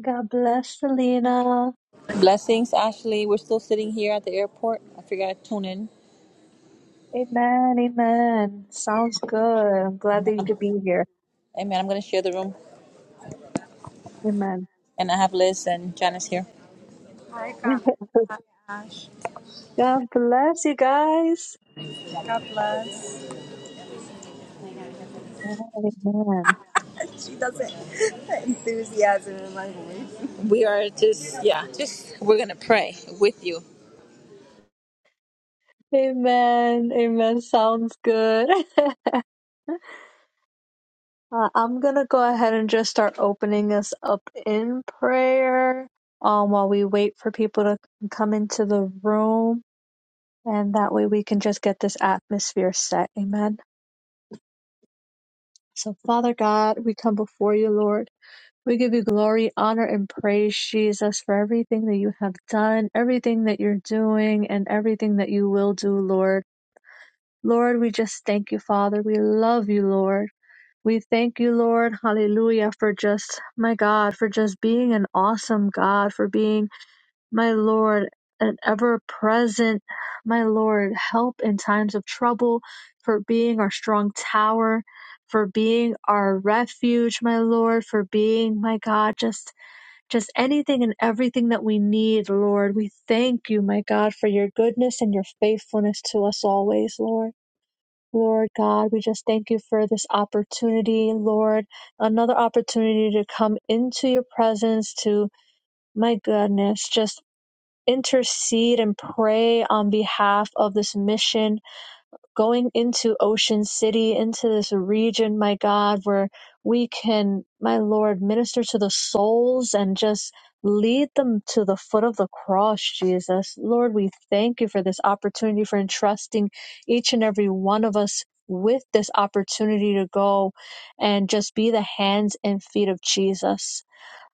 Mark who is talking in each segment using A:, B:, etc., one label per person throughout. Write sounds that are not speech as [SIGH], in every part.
A: God bless Selena.
B: Blessings, Ashley. We're still sitting here at the airport. I figured I'd tune in.
A: Amen, amen. Sounds good. I'm glad
B: Amen.
A: that you could be here.
B: Amen. I'm going to share the room.
A: Amen.
B: And I have Liz and Janice here. Hi, God. Hi, Ash.
A: God bless you guys.
B: God bless.
A: Amen.
B: She doesn't [LAUGHS] enthusiasm in my voice. We are just, yeah, just, we're going to pray with you.
A: Amen. Amen. Sounds good. [LAUGHS] Uh, I'm gonna go ahead and just start opening us up in prayer um, while we wait for people to come into the room, and that way we can just get this atmosphere set. Amen. So, Father God, we come before you, Lord. We give you glory, honor, and praise, Jesus, for everything that you have done, everything that you're doing, and everything that you will do, Lord. Lord, we just thank you, Father. We love you, Lord. We thank you, Lord, hallelujah, for just, my God, for just being an awesome God, for being, my Lord, an ever present, my Lord, help in times of trouble, for being our strong tower, for being our refuge, my Lord, for being, my God, just just anything and everything that we need, Lord. We thank you, my God, for your goodness and your faithfulness to us always, Lord. Lord God, we just thank you for this opportunity, Lord. Another opportunity to come into your presence to, my goodness, just intercede and pray on behalf of this mission going into Ocean City, into this region, my God, where we can, my Lord, minister to the souls and just lead them to the foot of the cross, Jesus. Lord, we thank you for this opportunity, for entrusting each and every one of us with this opportunity to go and just be the hands and feet of Jesus.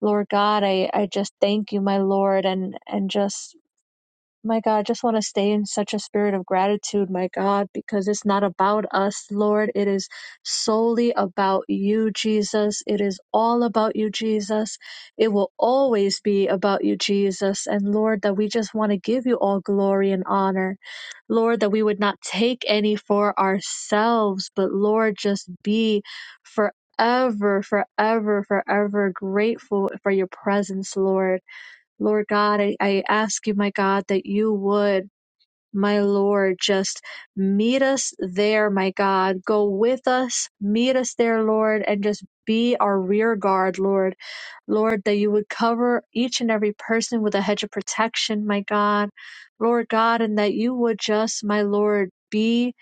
A: Lord God, I, I just thank you, my Lord, and and just my God, I just want to stay in such a spirit of gratitude, my God, because it's not about us, Lord. It is solely about you, Jesus. It is all about you, Jesus. It will always be about you, Jesus. And Lord, that we just want to give you all glory and honor. Lord, that we would not take any for ourselves, but Lord, just be forever, forever, forever grateful for your presence, Lord. Lord God, I, I ask you, my God, that you would, my Lord, just meet us there, my God. Go with us, meet us there, Lord, and just be our rear guard, Lord. Lord, that you would cover each and every person with a hedge of protection, my God. Lord God, and that you would just, my Lord, be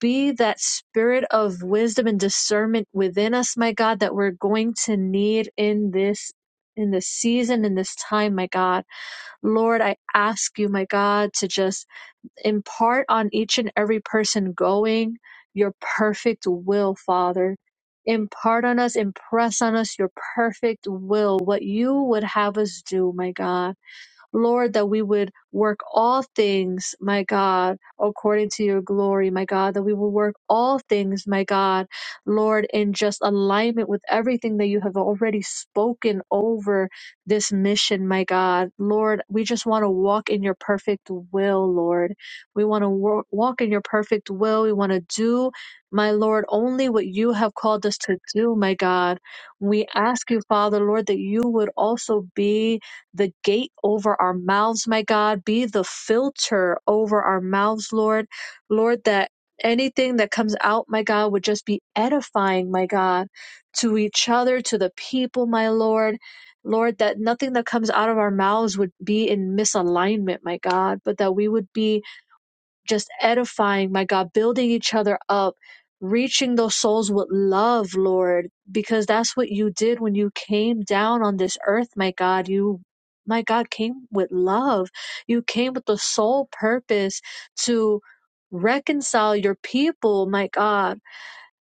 A: be that spirit of wisdom and discernment within us, my God, that we're going to need in this in this season, in this time, my God. Lord, I ask you, my God, to just impart on each and every person going your perfect will, Father. Impart on us, impress on us your perfect will, what you would have us do, my God. Lord, that we would work all things, my God, according to your glory, my God, that we will work all things, my God, Lord, in just alignment with everything that you have already spoken over this mission, my God. Lord, we just want to walk in your perfect will, Lord. We want to wor- walk in your perfect will. We want to do, my Lord, only what you have called us to do, my God. We ask you, Father, Lord, that you would also be the gate over our mouths, my God. Be the filter over our mouths, Lord. Lord, that anything that comes out, my God, would just be edifying, my God, to each other, to the people, my Lord. Lord, that nothing that comes out of our mouths would be in misalignment, my God, but that we would be just edifying, my God, building each other up, reaching those souls with love, Lord, because that's what you did when you came down on this earth, my God. You, my God, came with love. You came with the sole purpose to reconcile your people, my God.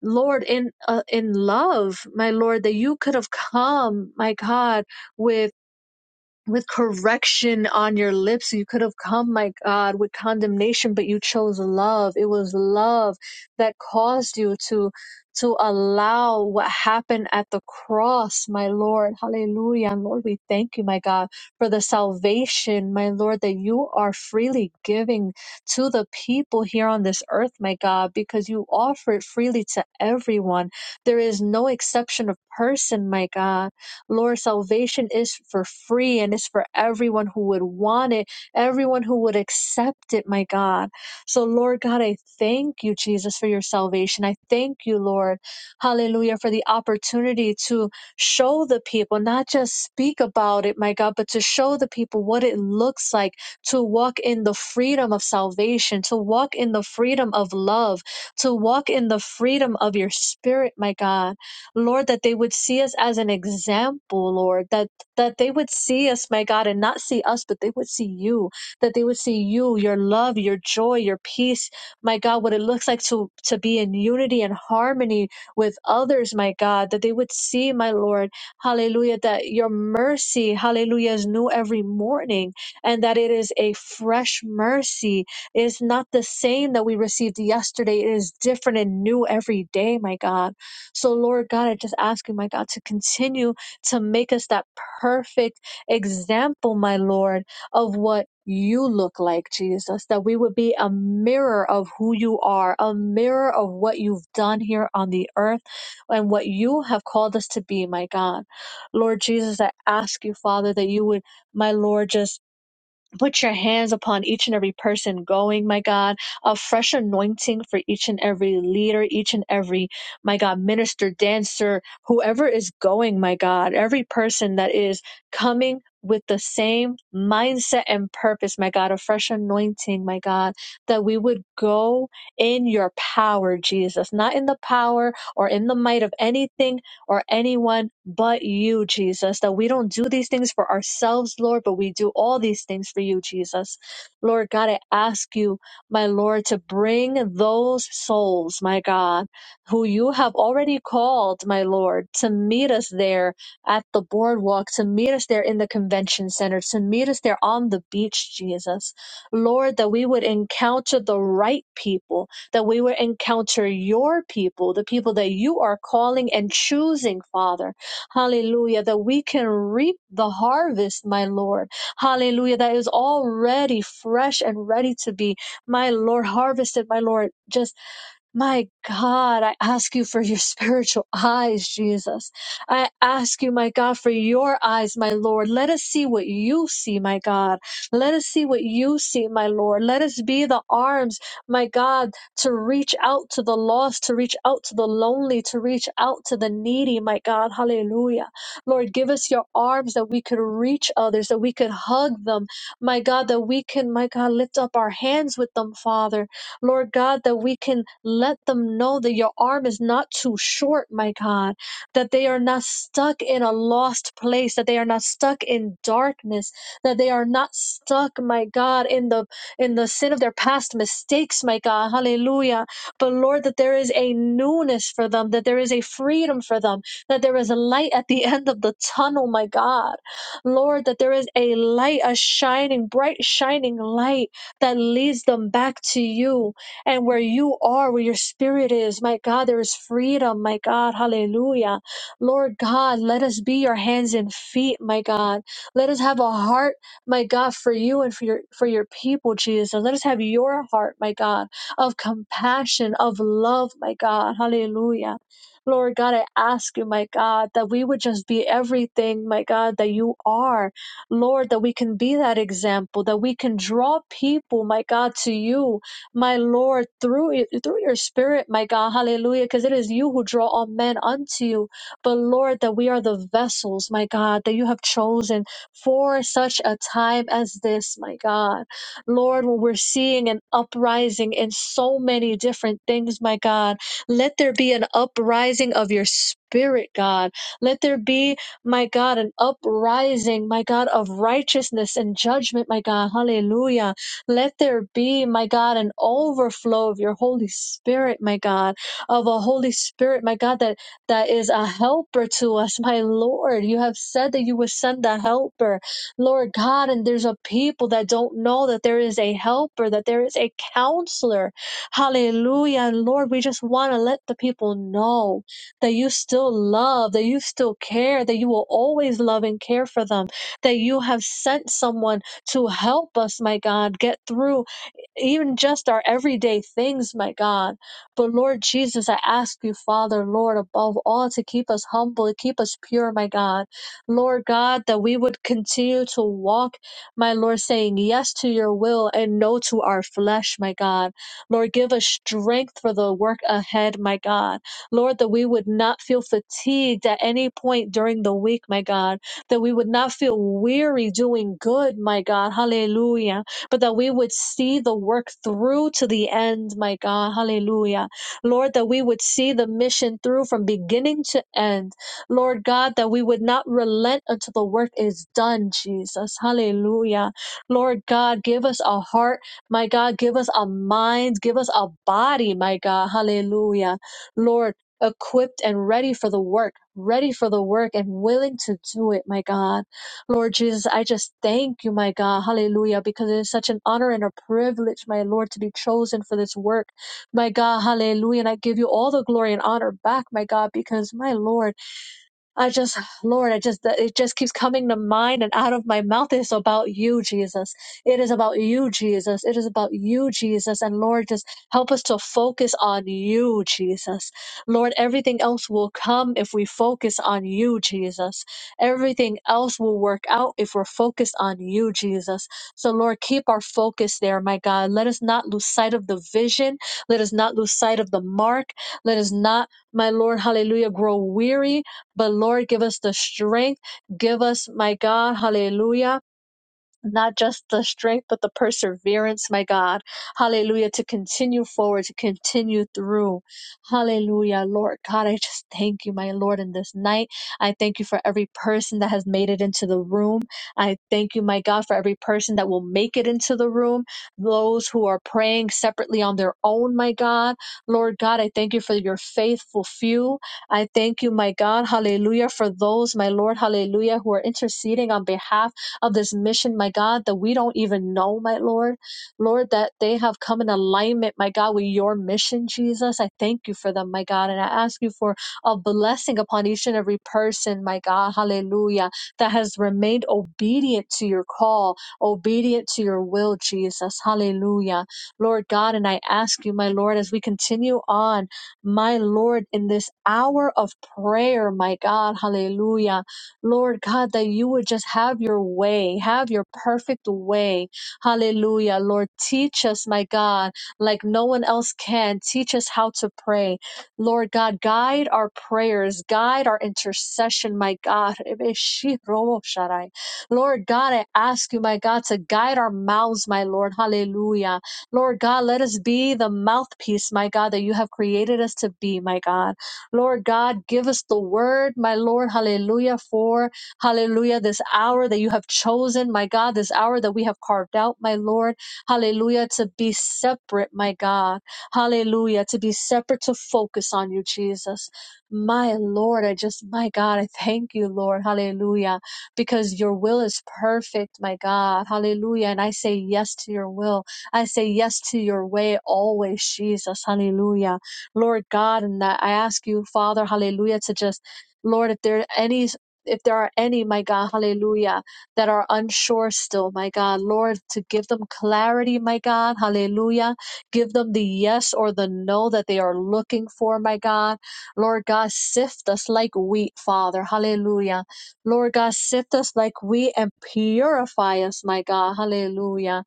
A: Lord, in uh, in love, my Lord, that you could have come, my God, with with correction on your lips. You could have come, my God, with condemnation, but you chose love. It was love that caused you to to allow what happened at the cross, my Lord. Hallelujah. And Lord, we thank you, my God, for the salvation, my Lord, that you are freely giving to the people here on this earth, my God, because you offer it freely to everyone. There is no exception of person, my God. Lord, salvation is for free and it's for everyone who would want it, everyone who would accept it, my God. So, Lord God, I thank you, Jesus, for your salvation. I thank you, Lord, hallelujah, for the opportunity to show the people, not just speak about it, my God, but to show the people what it looks like to walk in the freedom of salvation, to walk in the freedom of love, to walk in the freedom of your spirit, my God. Lord, that they would see us as an example, Lord, that, that they would see us, my God, and not see us, but they would see you, that they would see you, your love, your joy, your peace, my God, what it looks like to, to be in unity and harmony with others, my God, that they would see, my Lord, hallelujah, that your mercy, hallelujah, is new every morning and that it is a fresh mercy. It is not the same that we received yesterday. It is different and new every day, my God so, Lord God, I just ask you, my God, to continue to make us that perfect example, my Lord, of what you look like, Jesus, that we would be a mirror of who you are, a mirror of what you've done here on the earth and what you have called us to be, my God. Lord Jesus, I ask you, Father, that you would, my Lord, just Put your hands upon each and every person going, my God, a fresh anointing for each and every leader, each and every, my God, minister, dancer, whoever is going, my God, every person that is coming with the same mindset and purpose, my God, a fresh anointing, my God, that we would go in your power, Jesus, not in the power or in the might of anything or anyone but you, Jesus. That we don't do these things for ourselves, Lord, but we do all these things for you, Jesus. Lord God, I ask you, my Lord, to bring those souls, my God, who you have already called, my Lord, to meet us there at the boardwalk, to meet us there in the convention center, to meet us there on the beach, Jesus. Lord, that we would encounter the right people that we will encounter your people, the people that you are calling and choosing, Father. Hallelujah. That we can reap the harvest, my Lord. Hallelujah. That is already fresh and ready to be, my Lord, harvested, my Lord. Just my God, I ask you for your [LAUGHS] spiritual eyes, Jesus. I ask you, my God, for your eyes, my Lord. Let us see what you see, my God. Let us see what you see, my Lord. Let us be the arms, my God, to reach out to the lost, to reach out to the lonely, to reach out to the needy, my God. Hallelujah. Lord, give us your arms that we could reach others, that we could hug them, my God, that we can, my God, lift up our hands with them, Father. Lord God, that we can let them know that your arm is not too short, my God, that they are not stuck in a lost place, that they are not stuck in darkness, that they are not stuck, my God, in the in the sin of their past mistakes, my God. Hallelujah. But Lord, that there is a newness for them, that there is a freedom for them, that there is a light at the [LAUGHS] end of the tunnel, my God. Lord, that there is a light, a shining, bright, shining light that leads them back to you. And where you are, where your spirit is, my God, there is freedom, my God. Hallelujah. Lord God, let us be your hands and feet, my God. Let us have a heart, my God, for you and for your for your people, Jesus. Let us have your heart, my God, of compassion, of love, my God. Hallelujah. Lord God, I ask you, my God, that we would just be everything, my God, that you are. Lord, that we can be that example, that we can draw people, my God, to you my Lord, through it, through your spirit, my God, hallelujah, because it is you who draw all men unto you. But Lord, that we are the vessels, my God, that you have chosen for such a time as this, my God. Lord, when we're seeing an uprising in so many different things, my God, let there be an uprising of your spirit, God. Let there be, my God, an uprising, my God, of righteousness and judgment, my God, hallelujah let there be, my God, an overflow of your Holy Spirit, my God, of a Holy Spirit, my God, that, that is a helper to us, my Lord. You have said that you would send the helper, Lord God, and there's a people that don't know that there is a helper, that there is a counselor. Hallelujah. And Lord, we just want to let the people know that you still love, that you still care, that you will always love and care for them, that you have sent someone to help us, my God, get through even just our everyday things, my God. But Lord Jesus, I ask you, Father, Lord, above all, to keep us humble, to keep us pure, my God. Lord God, that we would continue to walk, my Lord, saying yes to your will and no to our flesh, my God. Lord, give us strength for the work ahead, my God. Lord, that we would not feel fatigued at any point during the week, my God. That we would not feel weary doing good, my God. Hallelujah but that we would see the work through to the end, my God. Hallelujah. Lord, that we would see the mission through from beginning to end. Lord God, that we would not relent until the work is done, Jesus. Hallelujah. Lord God, give us a heart, my God. Give us a mind. Give us a body, my God. Hallelujah. Lord, equipped and ready for the work, ready for the work and willing to do it, my God. Lord Jesus, I just thank you, my God. Hallelujah. Because it is such an honor and a privilege, my Lord, to be chosen for this work. My God, hallelujah. And I give you all the glory and honor back, my God, because my Lord, I just, Lord, I just, it just keeps coming to mind and out of my mouth It's about you, Jesus. It is about you, Jesus. It is about you, Jesus. And Lord, just help us to focus on you, Jesus. Lord, everything else will come if we focus on you, Jesus. Everything else will work out if we're focused on you, Jesus. So Lord, keep our focus there, my God. Let us not lose sight of the vision. Let us not lose sight of the mark. Let us not, my Lord, hallelujah, grow weary but Lord, give us the strength. Give us, my God, hallelujah not just the strength, but the perseverance, my God. Hallelujah. To continue forward, to continue through. Hallelujah, Lord God. I just thank you, my Lord, in this night. I thank you for every person that has made it into the room. I thank you, my God, for every person that will make it into the room. Those who are praying separately on their own, my God. Lord God, I thank you for your faithful few. I thank you, my God. Hallelujah. For those, my Lord, hallelujah, who are interceding on behalf of this mission, my God, that we don't even know, my Lord. Lord, that they have come in alignment, my God, with your mission, Jesus. I thank you for them, my God. And I ask you for a blessing upon each and every person, my God, hallelujah, that has remained obedient to your call, obedient to your will, Jesus, hallelujah. Lord God, and I ask you, my Lord, as we continue on, my Lord, in this hour of prayer, my God, hallelujah Lord God, that you would just have your way, have your perfect way. Hallelujah. Lord, teach us, my God, like no one else can. Teach us how to pray. Lord God, guide our prayers, guide our intercession, my God. [LAUGHS] Lord God, I ask you, my God, to guide our mouths, my Lord. Hallelujah. Lord God, let us be the mouthpiece, my God, that you have created us to be, my God. Lord God, give us the word, my Lord, hallelujah, for hallelujah, this hour that you have chosen, my God, this hour that we have carved out, my Lord, hallelujah, to be separate, my God, hallelujah, to be separate, to focus on you, Jesus. My Lord, I just, my God, I thank you, Lord, hallelujah, because your will is perfect, my God, hallelujah. And I say yes to your will, I say yes to your way always, Jesus, hallelujah. Lord God, and that I ask you, Father, hallelujah, to just, Lord, if there are any if there are any, my God, hallelujah, that are unsure still, my God, Lord, to give them clarity, my God, hallelujah. Give them the yes or the no that they are looking for, my God. Lord God, sift us like wheat, Father, hallelujah. Lord God, sift us like wheat and purify us, my God, hallelujah.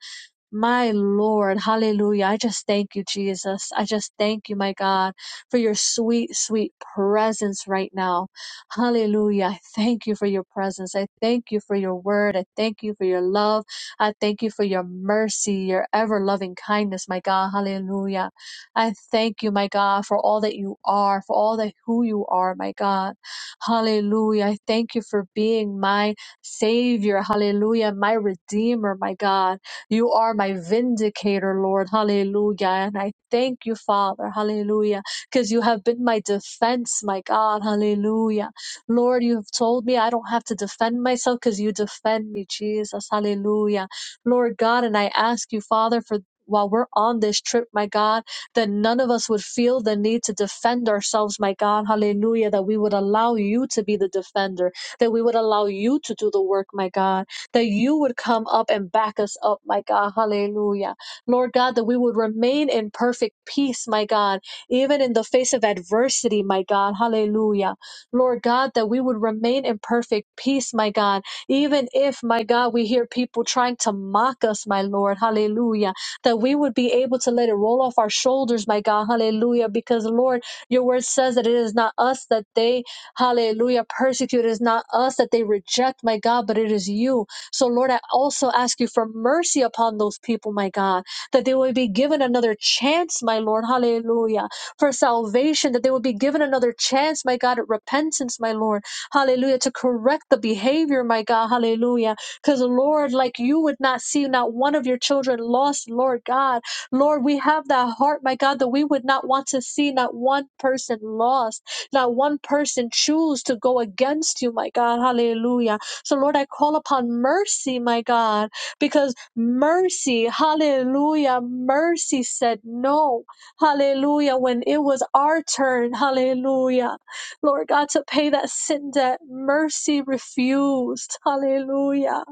A: My Lord, hallelujah. I just thank you, Jesus. I just thank you, my God, for your sweet, sweet presence right now. Hallelujah. I thank you for your presence. I thank you for your word. I thank you for your love. I thank you for your mercy, your ever loving kindness, my God. Hallelujah. I thank you, my God, for all that you are, for all that who you are, my God. Hallelujah. I thank you for being my savior. Hallelujah. My redeemer, my God. You are my vindicator, Lord. Hallelujah. And I thank you, Father. Hallelujah. Because you have been my defense, my God. Hallelujah. Lord, you have told me I don't have to defend myself because you defend me, Jesus. Hallelujah. Lord God, and I ask you, Father, for while we're on this trip, my God, that none of us would feel the need to defend ourselves, my God. Hallelujah. That we would allow you to be the defender, that we would allow you to do the work, my God that you would come up and back us up, my God. Hallelujah. Lord God, that we would remain in perfect peace, my God, even in the face of adversity, my God. Hallelujah. Lord God, that we would remain in perfect peace, my God, even if, my God, we hear people trying to mock us, my Lord. Hallelujah. That we would be able to let it roll off our shoulders, my God. Hallelujah. Because, Lord, your word says that it is not us that they, hallelujah, persecute. It is not us that they reject, my God, but it is you. So, Lord, I also ask you for mercy upon those people, my God, that they will be given another chance, my Lord. Hallelujah. For salvation, that they will be given another chance, my God, at repentance, my Lord. Hallelujah. To correct the behavior, my God. Hallelujah. Because, Lord, like you would not see not one of your children lost, Lord God. Lord, we have that heart, my God, that we would not want to see not one person lost, not one person choose to go against you, my God. Hallelujah. So, Lord, I call upon mercy, my God, because mercy, hallelujah, mercy said no, hallelujah, when it was our turn, hallelujah. Lord God, to pay that sin debt, mercy refused, hallelujah,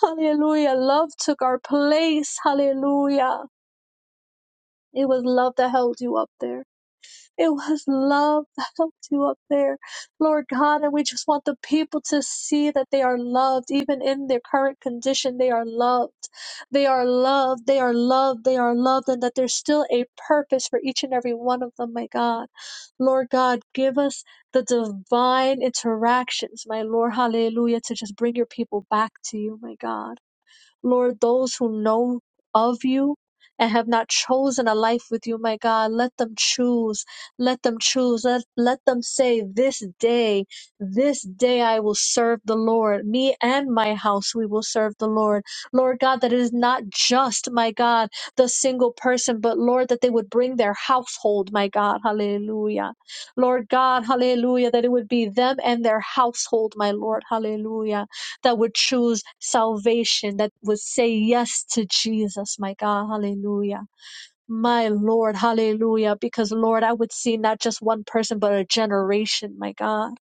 A: hallelujah. Love took our place, hallelujah. It was love that held you up there. It was love that helped you up there, Lord God. And we just want the people to see that they are loved, even in their current condition. They are loved. They are loved. They are loved. They are loved. And that there's still a purpose for each and every one of them, my God. Lord God, give us the divine interactions, my Lord. Hallelujah. To just bring your people back to you, my God. Lord, those who know of you and have not chosen a life with you, my God, let them choose. Let them choose. Let, let them say, This day, this day I will serve the Lord. Me and my house, we will serve the Lord. Lord God, that it is not just, my God, the single person, but Lord, that they would bring their household, my God. Hallelujah. Lord God, hallelujah, that it would be them and their household, my Lord. Hallelujah that would choose salvation, that would say yes to Jesus, my God. Hallelujah. My Lord, hallelujah. Because, Lord, I would see not just one person, but a generation, my God.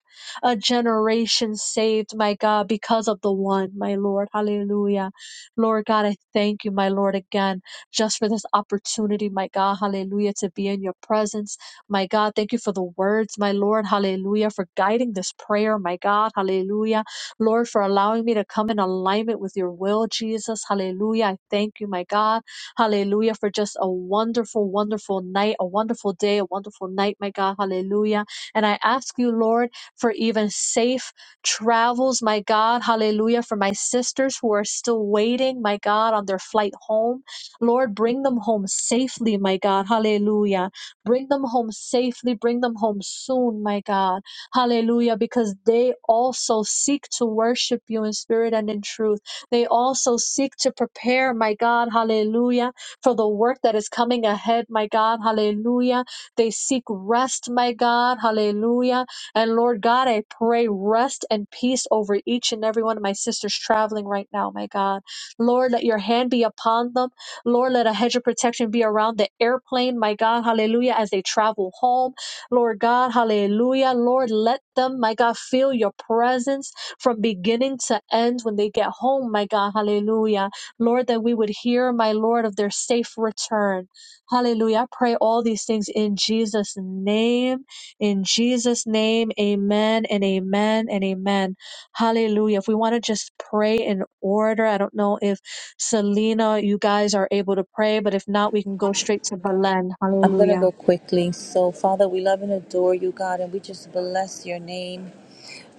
A: A generation saved, my God, because of the one, my Lord, hallelujah. Lord God, I thank you, my Lord, again, just for this opportunity, my God, hallelujah, to be in your presence, my God. Thank you for the words, my Lord, hallelujah, for guiding this prayer, my God, hallelujah. Lord, for allowing me to come in alignment with your will, Jesus, hallelujah. I thank you, my God. Hallelujah. For just a wonderful, wonderful night, a wonderful day, a wonderful night, my God. Hallelujah. And I ask you, Lord, for even safe travels, my God. Hallelujah. For my sisters who are still waiting, my God, on their flight home. Lord, bring them home safely, my God. Hallelujah. Bring them home safely. Bring them home soon, my God. Hallelujah. Because they also seek to worship you in spirit and in truth. They also seek to prepare, my God, hallelujah, for the work that is coming ahead, my God, hallelujah. They seek rest, my God, hallelujah. And Lord God, I pray rest and peace over each and every one of my sisters traveling right now, my God. Lord, let your hand be upon them. Lord, let a hedge of protection be around the airplane, my God, hallelujah, as they travel home. Lord God, hallelujah. Lord, let them, my God, feel your presence from beginning to end when they get home, my God. Hallelujah. Lord, that we would hear, my Lord, of their safe return. Hallelujah. I pray all these things in Jesus' name. In Jesus' name, amen and amen and amen. Hallelujah. If we want to just pray in order, I don't know if Selena, you guys are able to pray, but if not, we can go straight to Belen.
B: I'm going to
A: Hallelujah.
B: go quickly. So, Father, we love and adore you, God, and we just bless your name.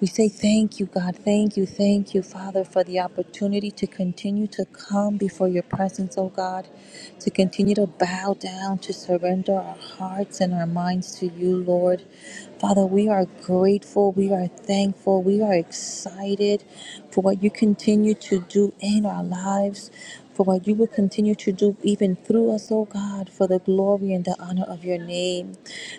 B: We say thank you, God. Thank you, thank you, Father, for the opportunity to continue to come before your presence, oh God, to continue to bow down, to surrender our hearts and our minds to you, Lord. Father, we are grateful, we are thankful, we are excited for what you continue to do in our lives for what you will continue to do even through us, oh God, for the glory and the honor of your name.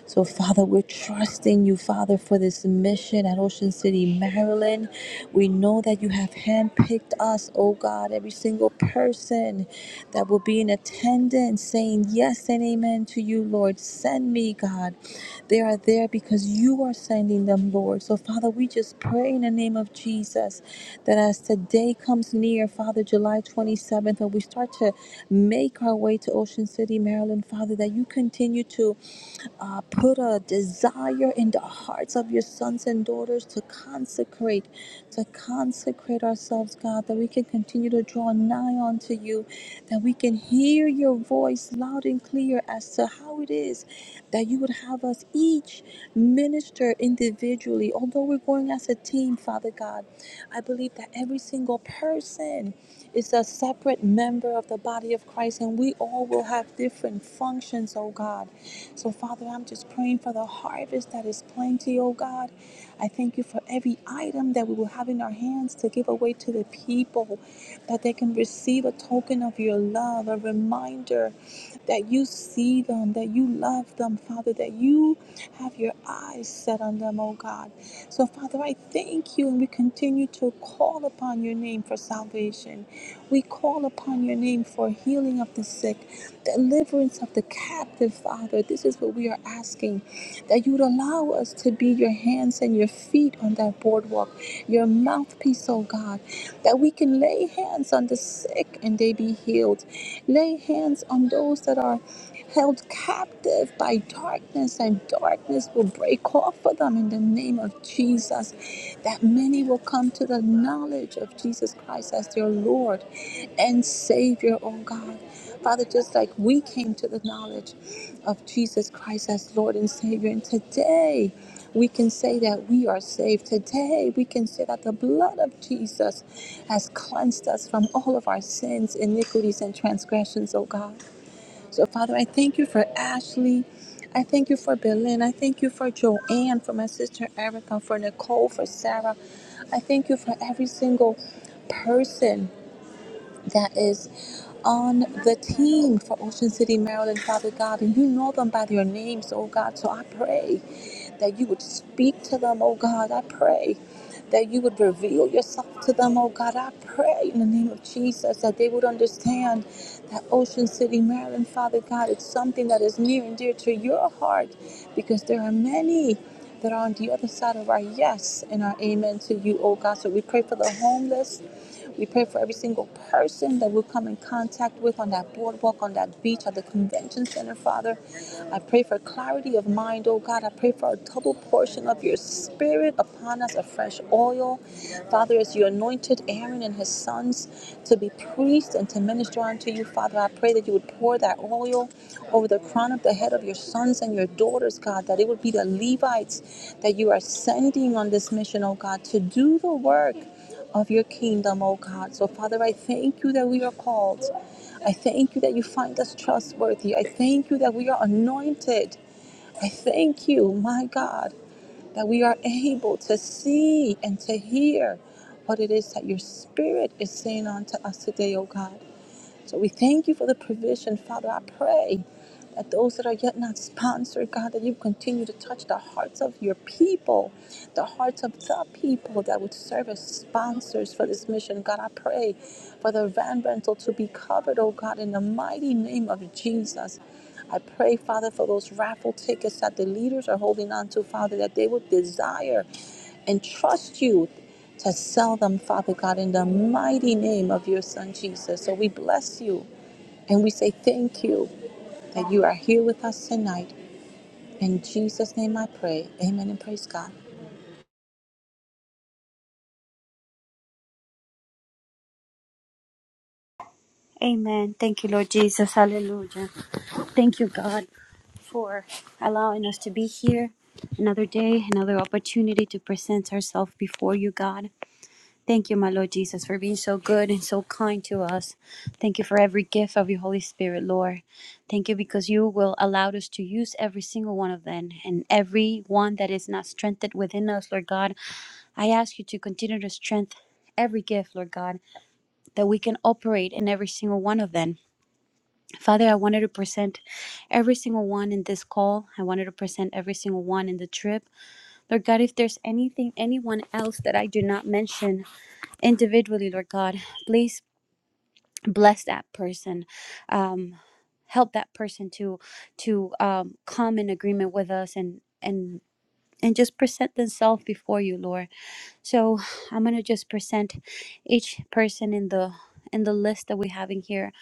B: So, Father, we're trusting you, Father, for this mission at Ocean City, Maryland. We know that you have handpicked us, oh God, every single person that will be in attendance and saying, Yes and amen to you, Lord. Send me, God. They are there because you are sending them, Lord. So, Father, we just pray in the name of Jesus that as today comes near, Father, July 27th, and we start to make our way to Ocean City, Maryland, Father, that you continue to. Uh, put a desire in the hearts of your sons and daughters to consecrate, to consecrate ourselves, God, that we can continue to draw nigh unto you, that we can hear your voice loud and clear as to how it is that you would have us each minister individually. Although we're going as a team, Father God, I believe that every single person is a separate member of the body of Christ, and we all will have different functions, oh God. So, Father, I'm just praying for the harvest that is plenty, oh God. I thank you for every item that we will have in our hands to give away to the people, that they can receive a token of your love, a reminder that you see them, that you love them, Father, that you have your eyes set on them, oh God. So, Father, I thank you, and we continue to call upon your name for salvation. We call upon your name for healing of the sick deliverance of the captive, Father. This is what we are asking that you would allow us to be your hands and your feet on that boardwalk, your mouthpiece, oh God, that we can lay hands on the sick and they be healed, lay hands on those that are held captive by darkness, and darkness will break off of them in the name of Jesus. That many will come to the knowledge of Jesus Christ as their Lord and Savior, oh God. Father, just like we came to the knowledge of Jesus Christ as Lord and Savior, and today we can say that we are saved. Today we can say that the blood of Jesus has cleansed us from all of our sins, iniquities, and transgressions, oh God. So, Father, I thank you for Ashley. I thank you for Berlin. I thank you for Joanne, for my sister Erica, for Nicole, for Sarah. I thank you for every single person that is on the team for Ocean City, Maryland, Father God, and you know them by their names, oh God. So I pray that you would speak to them, oh God. I pray that you would reveal yourself to them, oh God. I pray in the name of Jesus that they would understand that Ocean City, Maryland, Father God, it's something that is near and dear to your heart because there are many that are on the other side of our yes and our amen to you, oh God. So we pray for the homeless. We pray for every single person that we come in contact with on that boardwalk, on that beach, at the convention center, Father. I pray for clarity of mind, oh God. I pray for a double portion of your spirit upon us, a fresh oil. Father, as you anointed Aaron and his sons to be priests and to minister unto you, Father, I pray that you would pour that oil over the crown of the head of your sons and your daughters, God, that it would be the Levites that you are sending on this mission, oh God, to do the work of your kingdom, oh God. So, Father, I thank you that we are called. I thank you that you find us trustworthy. I thank you that we are anointed. I thank you, my God, that we are able to see and to hear what it is that your spirit is saying unto us today, oh God. So we thank you for the provision, Father. I pray that those that are yet not sponsored, God, that you continue to touch the hearts of your people, the hearts of the people that would serve as sponsors for this mission. God, I pray for the van rental to be covered, oh God, in the mighty name of Jesus. I pray, Father, for those raffle tickets that the leaders are holding on to, Father, that they would desire and trust you to sell them, Father God, in the mighty name of your Son Jesus. So we bless you and we say thank you that you are here with us tonight. In Jesus' name I pray. Amen and praise God.
C: Amen. Thank you, Lord Jesus. Hallelujah. Thank you, God, for allowing us to be here another day, another opportunity to present ourselves before you, God. Thank you, my Lord Jesus, for being so good and so kind to us. Thank you for every gift of your Holy Spirit, Lord. Thank you because you will allow us to use every single one of them and every one that is not strengthened within us, Lord God. I ask you to continue to strengthen every gift, Lord God, that we can operate in every single one of them. Father, I wanted to present every single one in this call. I wanted to present every single one in the trip. Lord God, if there's anything, anyone else that I do not mention individually, Lord God, please bless that person. Um, help that person to to um, come in agreement with us and and and just present themselves before you, Lord. So I'm gonna just present each person in the in the list that we have in here.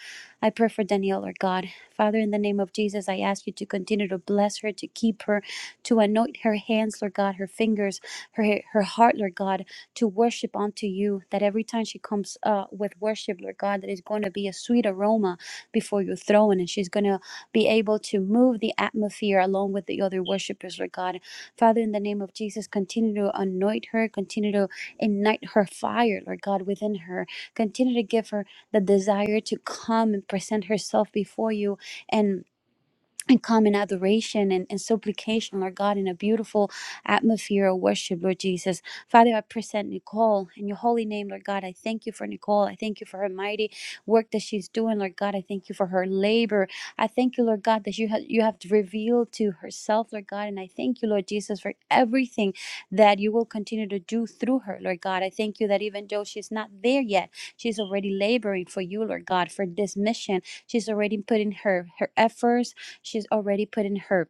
C: I pray for Danielle, or God, Father, in the name of Jesus, I ask you to continue to bless her, to keep her, to anoint her hands, Lord God, her fingers, her her heart, Lord God, to worship unto you. That every time she comes uh, with worship, Lord God, that is going to be a sweet aroma before your throne, and she's going to be able to move the atmosphere along with the other worshipers, Lord God. Father, in the name of Jesus, continue to anoint her, continue to ignite her fire, Lord God, within her. Continue to give her the desire to come and present herself before you and and come in adoration and, and supplication, Lord God, in a beautiful atmosphere of worship, Lord Jesus. Father, I present Nicole in your holy name, Lord God. I thank you for Nicole. I thank you for her mighty work that she's doing, Lord God. I thank you for her labor. I thank you, Lord God, that you have you have revealed to herself, Lord God. And I thank you, Lord Jesus, for everything that you will continue to do through her, Lord God. I thank you that even though she's not there yet, she's already laboring for you, Lord God, for this mission. She's already putting her her efforts She's already put in her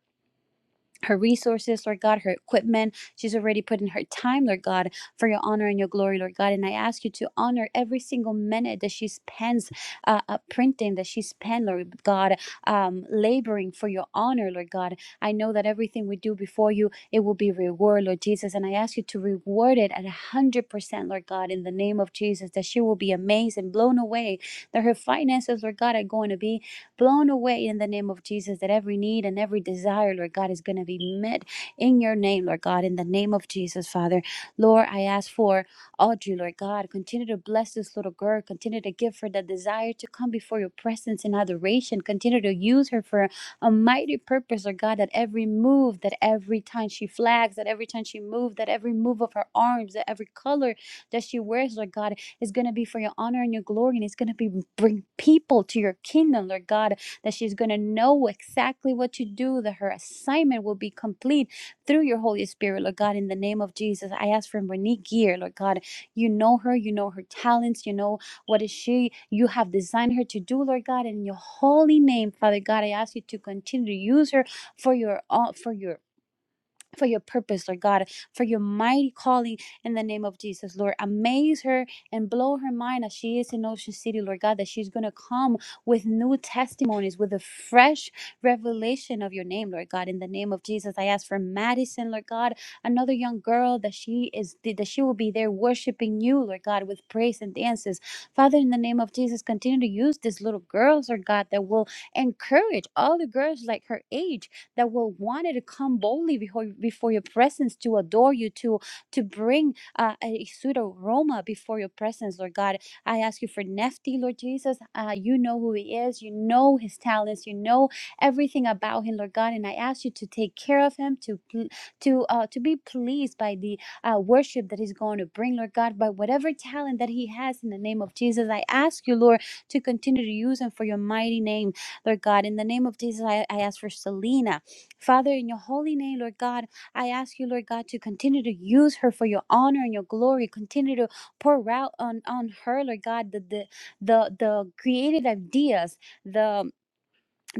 C: her resources, Lord God, her equipment. She's already put in her time, Lord God, for your honor and your glory, Lord God. And I ask you to honor every single minute that she spends uh, uh, printing, that she spends, Lord God, um, laboring for your honor, Lord God. I know that everything we do before you, it will be reward, Lord Jesus. And I ask you to reward it at 100%, Lord God, in the name of Jesus, that she will be amazed and blown away, that her finances, Lord God, are going to be blown away in the name of Jesus that every need and every desire, Lord God, is going to be met in your name, Lord God, in the name of Jesus, Father. Lord, I ask for Audrey, Lord God, continue to bless this little girl, continue to give her the desire to come before your presence in adoration, continue to use her for a mighty purpose, Lord God, that every move, that every time she flags, that every time she moves, that every move of her arms, that every color that she wears, Lord God, it's going to be for your honor and your glory, and it's going to be bring people to your kingdom, Lord God, that she's going to know exactly what to do, that her assignment will be complete through your Holy Spirit, Lord God, in the name of Jesus. I ask for Monique Gear, Lord God. You know her, you know her talents, you know what is she, you have designed her to do, Lord God, in your holy name, Father God. I ask you to continue to use her for your, uh, for your for your purpose, Lord God, for your mighty calling in the name of Jesus, Lord. Amaze her and blow her mind as she is in Ocean City, Lord God, that she's going to come with new testimonies, with a fresh revelation of your name, Lord God. In the name of Jesus, I ask for Madison, Lord God, another young girl that she is, that she will be there worshiping you, Lord God, with praise and dances. Father, in the name of Jesus, continue to use these little girls, Lord God, that will encourage all the girls like her age that will want to come boldly before, before your presence to adore you, to, to bring uh, a sweet aroma before your presence, Lord God. I ask you for Nefti, Lord Jesus. Uh, you know who he is, you know his talents, you know everything about him, Lord God. And I ask you to take care of him, to pl- to uh, to be pleased by the uh, worship that he's going to bring, Lord God, by whatever talent that he has in the name of Jesus. I ask you, Lord, to continue to use him for your mighty name, Lord God. In the name of Jesus, I, I ask for Selena. Father, in your holy name, Lord God, I ask you, Lord God, to continue to use her for your honor and your glory. Continue to pour out on, on her, Lord God, the the the, the creative ideas, the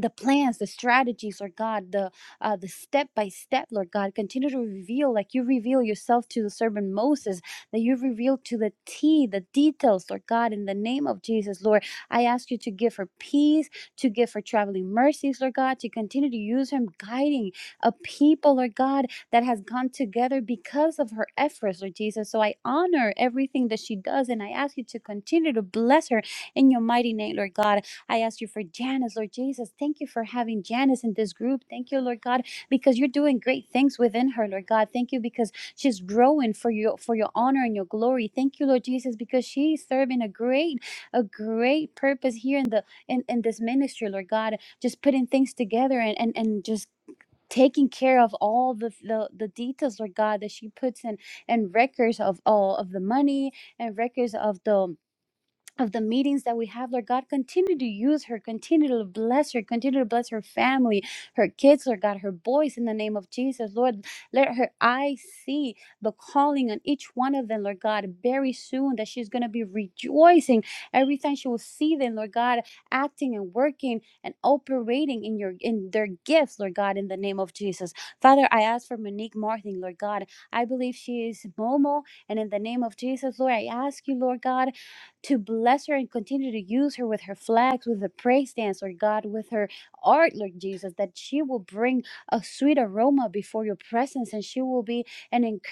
C: the plans the strategies lord god the uh the step by step lord god continue to reveal like you reveal yourself to the servant moses that you reveal to the t the details lord god in the name of jesus lord i ask you to give her peace to give her traveling mercies lord god to continue to use him guiding a people lord god that has gone together because of her efforts lord jesus so i honor everything that she does and i ask you to continue to bless her in your mighty name lord god I ask you for Janice, Lord Jesus. Thank you for having Janice in this group. Thank you, Lord God, because you're doing great things within her, Lord God. Thank you because she's growing for your for your honor and your glory. Thank you, Lord Jesus, because she's serving a great, a great purpose here in the in, in this ministry, Lord God. Just putting things together and and, and just taking care of all the, the the details lord god that she puts in and records of all of the money and records of the of the meetings that we have, Lord God, continue to use her, continue to bless her, continue to bless her family, her kids, Lord God, her boys in the name of Jesus. Lord, let her eyes see the calling on each one of them, Lord God, very soon that she's going to be rejoicing every time she will see them, Lord God, acting and working and operating in your in their gifts, Lord God, in the name of Jesus. Father, I ask for Monique Martin, Lord God. I believe she is Momo, and in the name of Jesus, Lord, I ask you, Lord God, to bless her and continue to use her with her flags, with the praise dance, Lord God, with her art, Lord Jesus, that she will bring a sweet aroma before your presence and she will be an encouragement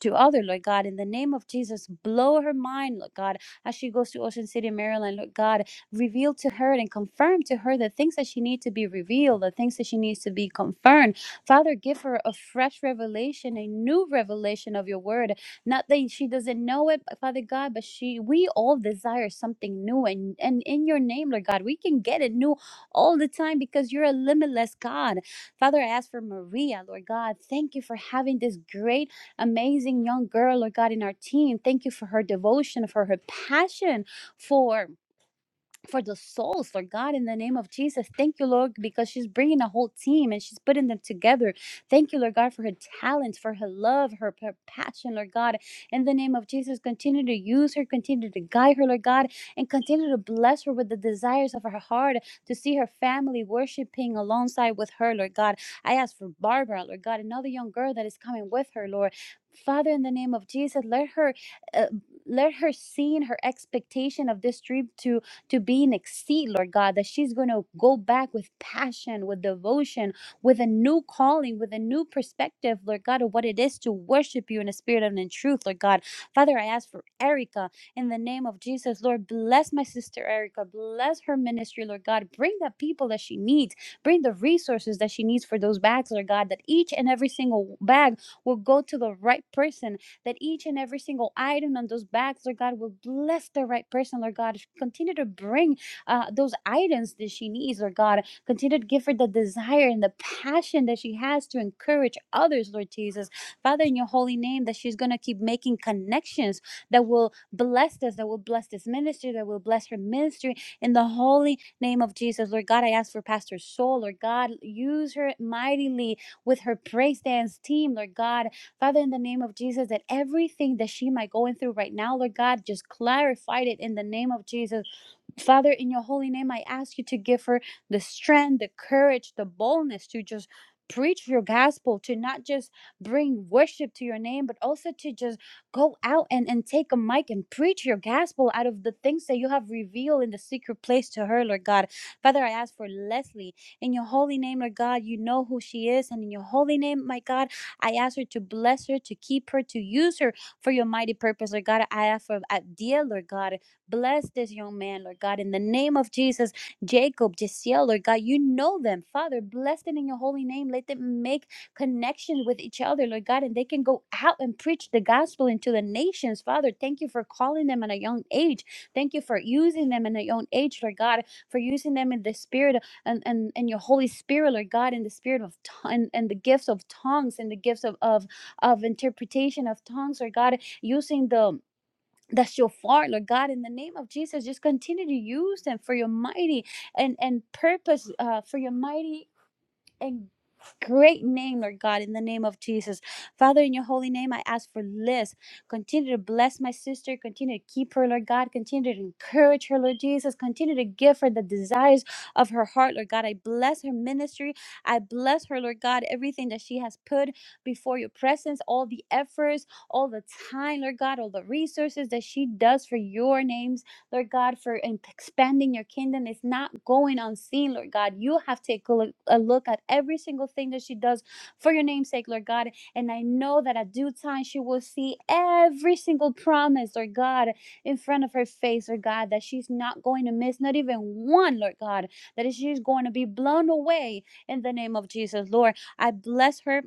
C: to other, Lord God. In the name of Jesus, blow her mind, Lord God, as she goes to Ocean City, Maryland, Lord God, reveal to her and confirm to her the things that she needs to be revealed, the things that she needs to be confirmed. Father, give her a fresh revelation, a new revelation of your word not that she doesn't know it, but Father God, but she we all desire something new and and in your name, Lord God, we can get it new all the time because you're a limitless God. Father, I ask for Maria, Lord God. Thank you for having this great, amazing young girl, Lord God, in our team. Thank you for her devotion, for her passion for for the souls, Lord God, in the name of Jesus. Thank you, Lord, because she's bringing a whole team and she's putting them together. Thank you, Lord God, for her talents, for her love, her, her passion, Lord God. In the name of Jesus, continue to use her, continue to guide her, Lord God, and continue to bless her with the desires of her heart to see her family worshiping alongside with her, Lord God. I ask for Barbara, Lord God, another young girl that is coming with her, Lord. Father, in the name of Jesus, let her, uh, let her see in her expectation of this dream to to be an exceed, Lord God, that she's going to go back with passion, with devotion, with a new calling, with a new perspective, Lord God, of what it is to worship you in a spirit and in truth, Lord God. Father, I ask for Erica in the name of Jesus, Lord. Bless my sister Erica. Bless her ministry, Lord God. Bring the people that she needs. Bring the resources that she needs for those bags, Lord God, that each and every single bag will go to the right person that each and every single item on those bags, Lord God, will bless the right person, Lord God. Continue to bring uh, those items that she needs, Lord God. Continue to give her the desire and the passion that she has to encourage others, Lord Jesus. Father, in your holy name, that she's going to keep making connections that will bless this, that will bless this ministry, that will bless her ministry. In the holy name of Jesus, Lord God, I ask for Pastor Soul, Lord God, use her mightily with her praise dance team, Lord God. Father, in the name of Jesus, that everything that she might going through right now, Lord God, just clarified it in the name of Jesus. Father, in your holy name, I ask you to give her the strength, the courage, the boldness to just preach your gospel, to not just bring worship to your name, but also to just go out and, and take a mic and preach your gospel out of the things that you have revealed in the secret place to her, Lord God. Father, I ask for Leslie. In your holy name, Lord God, you know who she is. And in your holy name, my God, I ask her to bless her, to keep her, to use her for your mighty purpose, Lord God. I ask for Adia, Lord God. Bless this young man, Lord God. In the name of Jesus, Jacob, Jisiel, Lord God, you know them. Father, bless them in your holy name. Let them make connection with each other, Lord God, and they can go out and preach the gospel into the nations. Father, thank you for calling them at a young age. Thank you for using them in a young age, Lord God, for using them in the spirit and, and, and your Holy Spirit, Lord God, in the spirit of tongue and, and the gifts of tongues and the gifts of, of, of interpretation of tongues, Lord God, using the that's your fault, Lord God, in the name of Jesus, just continue to use them for your mighty and and purpose, uh, for your mighty and great name, Lord God, in the name of Jesus. Father, in your holy name, I ask for Liz. Continue to bless my sister. Continue to keep her, Lord God. Continue to encourage her, Lord Jesus. Continue to give her the desires of her heart, Lord God. I bless her ministry. I bless her, Lord God, everything that she has put before your presence, all the efforts, all the time, Lord God, all the resources that she does for your name's Lord God, for expanding your kingdom. It's not going unseen, Lord God. You have to take a look, a look at every single thing that she does for your name's sake, Lord God. And I know that at due time, she will see every single promise, Lord God, in front of her face, Lord God, that she's not going to miss, not even one, Lord God, that she's going to be blown away in the name of Jesus, Lord. I bless her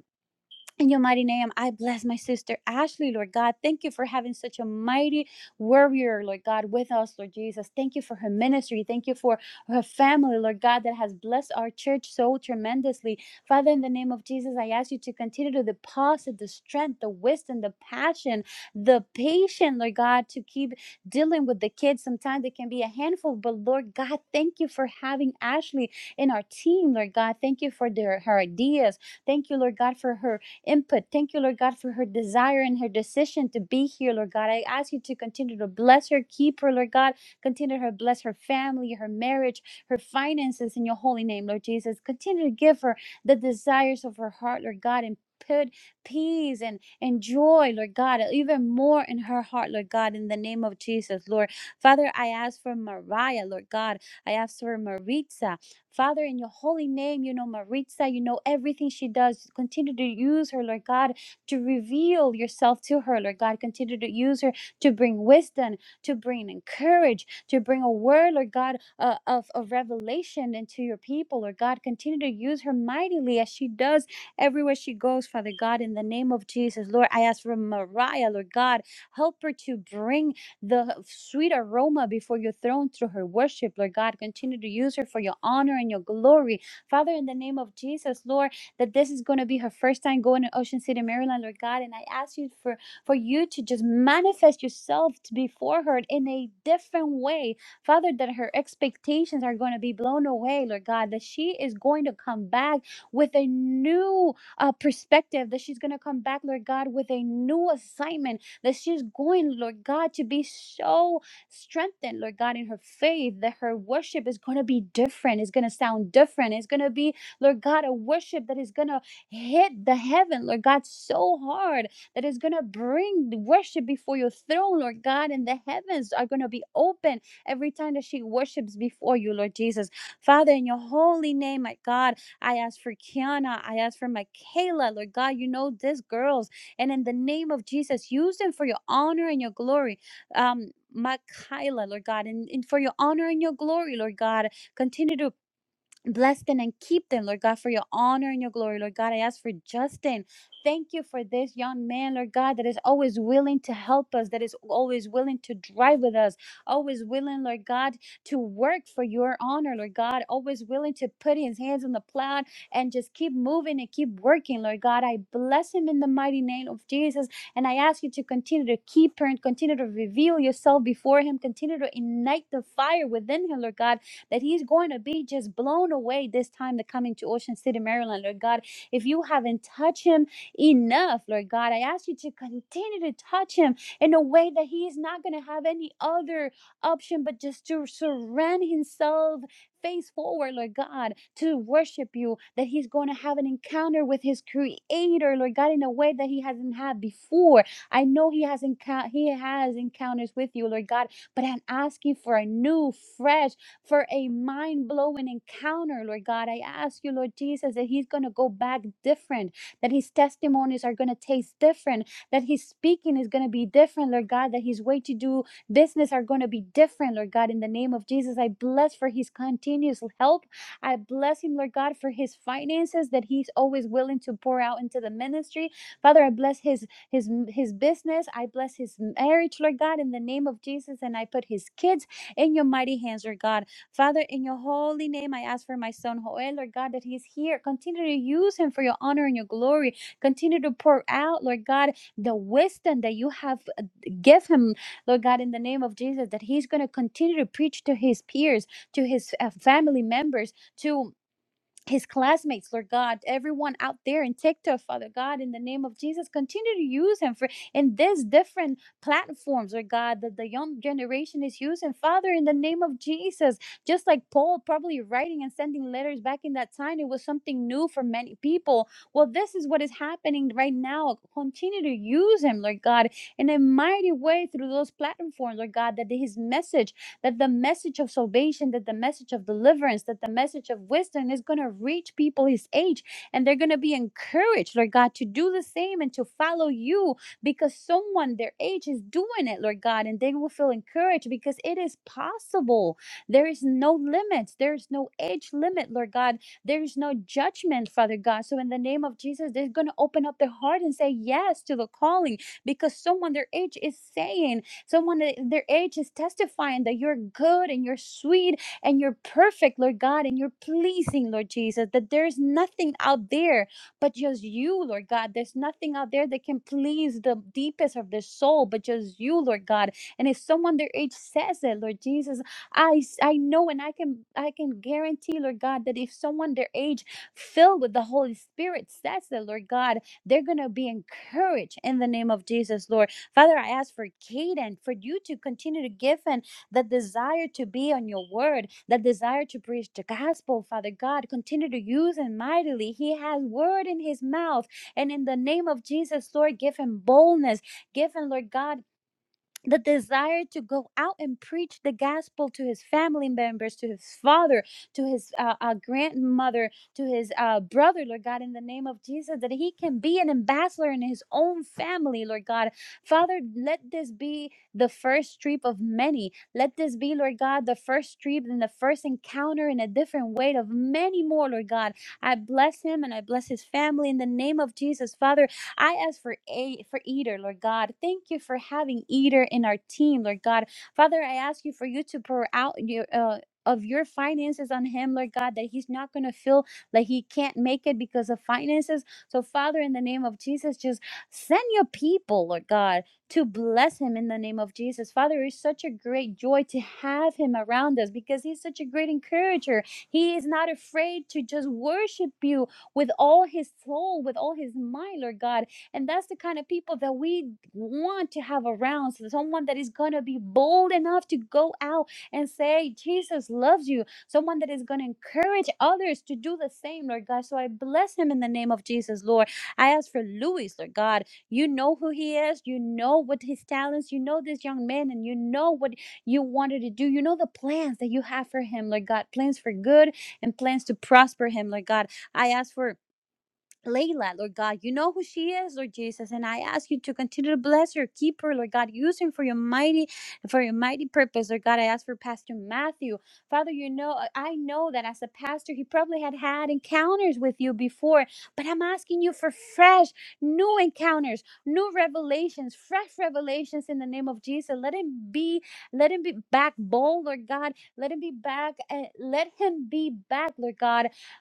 C: in your mighty name, I bless my sister Ashley, Lord God. Thank you for having such a mighty warrior, Lord God, with us, Lord Jesus. Thank you for her ministry. Thank you for her family, Lord God, that has blessed our church so tremendously. Father, in the name of Jesus, I ask you to continue to deposit the strength, the wisdom, the passion, the patience, Lord God, to keep dealing with the kids. Sometimes they can be a handful, but Lord God, thank you for having Ashley in our team, Lord God. Thank you for their, her ideas. Thank you, Lord God, for her input. Thank you, Lord God, for her desire and her decision to be here, Lord God. I ask you to continue to bless her, keep her, Lord God. Continue to bless her family, her marriage, her finances in your holy name, Lord Jesus. Continue to give her the desires of her heart, Lord God, and put peace and, and joy, Lord God, even more in her heart, Lord God, in the name of Jesus, Lord. Father, I ask for Mariah, Lord God. I ask for Maritza. Father, in your holy name, you know Maritza, you know everything she does. Continue to use her, Lord God, to reveal yourself to her, Lord God. Continue to use her to bring wisdom, to bring encourage, to bring a word, Lord God, uh, of, of revelation into your people, Lord God. Continue to use her mightily as she does everywhere she goes, Father God, in the name of Jesus. Lord, I ask for Mariah, Lord God, help her to bring the sweet aroma before your throne through her worship, Lord God. Continue to use her for your honor and your glory. Father, in the name of Jesus, Lord, that this is going to be her first time going to Ocean City, Maryland, Lord God. And I ask you for, for you to just manifest yourself to before her in a different way. Father, that her expectations are going to be blown away, Lord God, that she is going to come back with a new uh, perspective, that she's going to come back, Lord God, with a new assignment that she's going, Lord God, to be so strengthened, Lord God, in her faith, that her worship is going to be different. It's going to sound different. It's going to be, Lord God, a worship that is going to hit the heaven, Lord God, so hard that it's going to bring the worship before your throne, Lord God, and the heavens are going to be open every time that she worships before you, Lord Jesus. Father, in your holy name, my God, I ask for Kiana. I ask for Michaela, Lord God. You know, these girls. And in the name of Jesus, use them for your honor and your glory. Um, Makaila, Lord God, and, and for your honor and your glory, Lord God. Continue to Bless them and keep them, Lord God, for your honor and your glory. Lord God, I ask for Justin. Thank you for this young man, Lord God, that is always willing to help us, that is always willing to drive with us, always willing, Lord God, to work for your honor, Lord God, always willing to put his hands on the plow and just keep moving and keep working, Lord God. I bless him in the mighty name of Jesus. And I ask you to continue to keep her and continue to reveal yourself before him, continue to ignite the fire within him, Lord God that he's going to be just blown away this time that coming to Ocean City, Maryland, Lord God. If you haven't touched him enough, Lord God, I ask you to continue to touch him in a way that he is not going to have any other option but just to surrender himself face forward, Lord God, to worship you, that he's going to have an encounter with his creator, Lord God, in a way that he hasn't had before. I know he has encou- he has encounters with you, Lord God, but I'm asking for a new, fresh for a mind blowing encounter, Lord God. I ask you, Lord Jesus, that he's going to go back different, that his testimonies are going to taste different, that his speaking is going to be different, Lord God, that his way to do business are going to be different, Lord God. In the name of Jesus, I bless for his continuous help. I bless him, Lord God, for his finances that he's always willing to pour out into the ministry. Father, I bless his his his business. I bless his marriage, Lord God, in the name of Jesus, and I put his kids in your mighty hands, Lord God. Father, in your holy name, I ask for my son Joel, Lord God, that he is here. Continue to use him for your honor and your glory. Continue to pour out, Lord God, the wisdom that you have uh, give him, Lord God, in the name of Jesus, that he's going to continue to preach to his peers, to his uh, family members, to his classmates, Lord God, everyone out there in TikTok, Father God, in the name of Jesus, continue to use him for in these different platforms, Lord God, that the young generation is using. Father, in the name of Jesus, just like Paul probably writing and sending letters back in that time, it was something new for many people. Well, this is what is happening right now. Continue to use him, Lord God, in a mighty way through those platforms, Lord God, that his message that the message of salvation, that the message of deliverance, that the message of wisdom is going to reach people his age and they're going to be encouraged, Lord God, to do the same and to follow you because someone their age is doing it, Lord God, and they will feel encouraged because it is possible. There is no limits, there is no age limit, Lord God. There is no judgment, Father God. So, in the name of Jesus, they're going to open up their heart and say yes to the calling because someone their age is saying, Someone at their age is testifying that you're good and you're sweet and you're perfect, Lord God, and you're pleasing, Lord Jesus, that there's nothing out there but just you, Lord God. There's nothing out there that can please the deepest of their soul but just you, Lord God. And if someone their age says it, Lord Jesus, I I know and I can I can guarantee, Lord God, that if someone their age filled with the Holy Spirit says it, Lord God, they're gonna be encouraged in the name of Jesus, Lord. Father, I ask for Caden, for you to continue to give him the desire to be on your word, the desire to preach the gospel, Father God. Continue to use him mightily. He has word in his mouth. And in the name of Jesus, Lord, give him boldness. Give him, Lord God, the desire to go out and preach the gospel to his family members, to his father, to his uh, uh, grandmother, to his uh, brother, Lord God, in the name of Jesus, that he can be an ambassador in his own family, Lord God. Father, let this be the first trip of many. Let this be, Lord God, the first trip and the first encounter in a different way of many more, Lord God. I bless him and I bless his family in the name of Jesus, Father I ask for a for Eater, Lord God. Thank you for having Eater in our team, Lord God. Father, I ask you for you to pour out your uh, of your finances on him, Lord God, that he's not going to feel like he can't make it because of finances. So, Father, in the name of Jesus, just send your people, Lord God, to bless him in the name of Jesus. Father, it's such a great joy to have him around us because he's such a great encourager. He is not afraid to just worship you with all his soul, with all his mind, Lord God. And that's the kind of people that we want to have around. So someone that is going to be bold enough to go out and say, Jesus loves you. Someone that is going to encourage others to do the same, Lord God. So I bless him in the name of Jesus, Lord. I ask for Louis, Lord God. You know who he is. You know what his talents. You know this young man, and you know what you wanted to do. You know the plans that you have for him, Lord God. Plans for good and plans to prosper him, Lord God. I ask for Layla, Lord God, you know who she is, Lord Jesus, and I ask you to continue to bless her, keep her, Lord God, use her for your mighty, for your mighty purpose, Lord God. I ask for Pastor Matthew, Father. You know, uh, I know that as a pastor, he probably had had encounters with you before, but I'm asking you for fresh, new encounters, new revelations, fresh revelations in the name of Jesus. Let him be, let him be back bold, Lord God. Let him be back, uh, let him be back, Lord God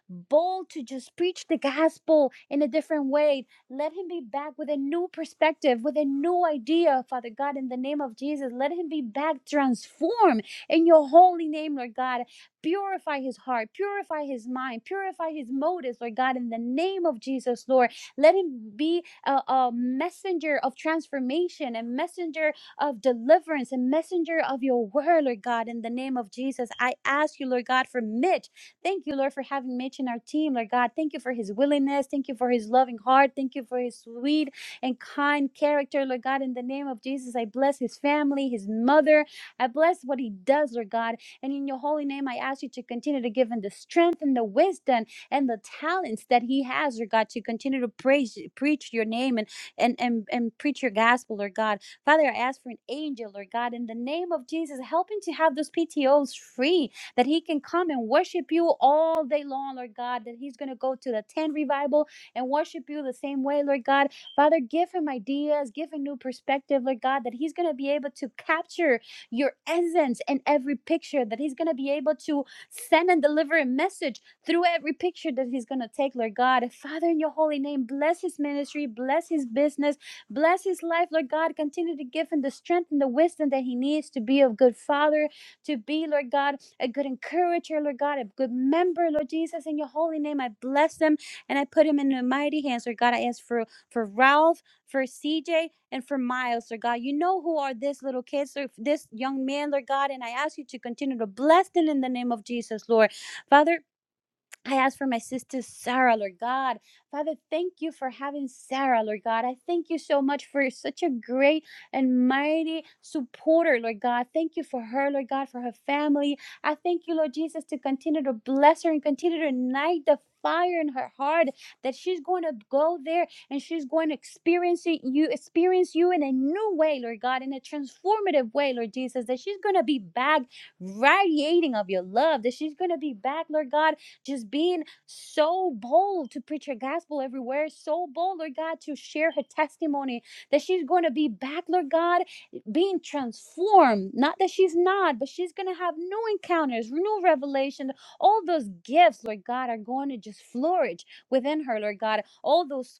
C: bold to just preach the gospel in a different way. Let him be back with a new perspective, with a new idea, Father God, in the name of Jesus. Let him be back transformed in your holy name, Lord God. Purify his heart, purify his mind, purify his motives, Lord God, in the name of Jesus, Lord. Let him be a, a messenger of transformation, a messenger of deliverance, a messenger of your word, Lord God, in the name of Jesus. I ask you, Lord God, for Mitch. Thank you, Lord, for having Mitch in our team, Lord God. Thank you for his willingness. Thank you for his loving heart. Thank you for his sweet and kind character, Lord God. In the name of Jesus, I bless his family, his mother. I bless what he does, Lord God. And in your holy name, I ask you to continue to give him the strength and the wisdom and the talents that he has, Lord God, to continue to praise, preach your name and and and, and preach your gospel, Lord God. Father, I ask for an angel, Lord God, in the name of Jesus, help him to have those PTOs free that he can come and worship you all day long, Lord God, that he's going to go to the tent revival and worship you the same way, Lord God. Father, give him ideas, give him new perspective, Lord God, that he's going to be able to capture your essence in every picture, that he's going to be able to send and deliver a message through every picture that he's going to take, Lord God. Father, in your holy name, bless his ministry, bless his business, bless his life, Lord God. Continue to give him the strength and the wisdom that he needs to be a good father, to be, Lord God a good encourager, Lord God, a good member, Lord Jesus. In your holy name, I bless them and I put him in the mighty hands, Lord God. I ask for, for Ralph, for CJ, and for Miles, Lord God. You know who are this little kids, Lord, this young man, Lord God, and I ask you to continue to bless them in the name of Jesus, Lord. Father, I ask for my sister Sarah, Lord God. Father, thank you for having Sarah, Lord God. I thank you so much for such a great and mighty supporter, Lord God. Thank you for her, Lord God, for her family. I thank you, Lord Jesus, to continue to bless her and continue to ignite the fire in her heart that she's going to go there and she's going to experience it- you experience you in a new way lord god in a transformative way lord jesus that she's going to be back radiating of your love that she's going to be back lord god just being so bold to preach her gospel everywhere, so bold, Lord God, to share her testimony that she's going to be back, Lord God, being transformed. Not that she's not, but she's going to have new encounters, new revelation. All those gifts, Lord God, are going to just flourish within her, Lord God. All those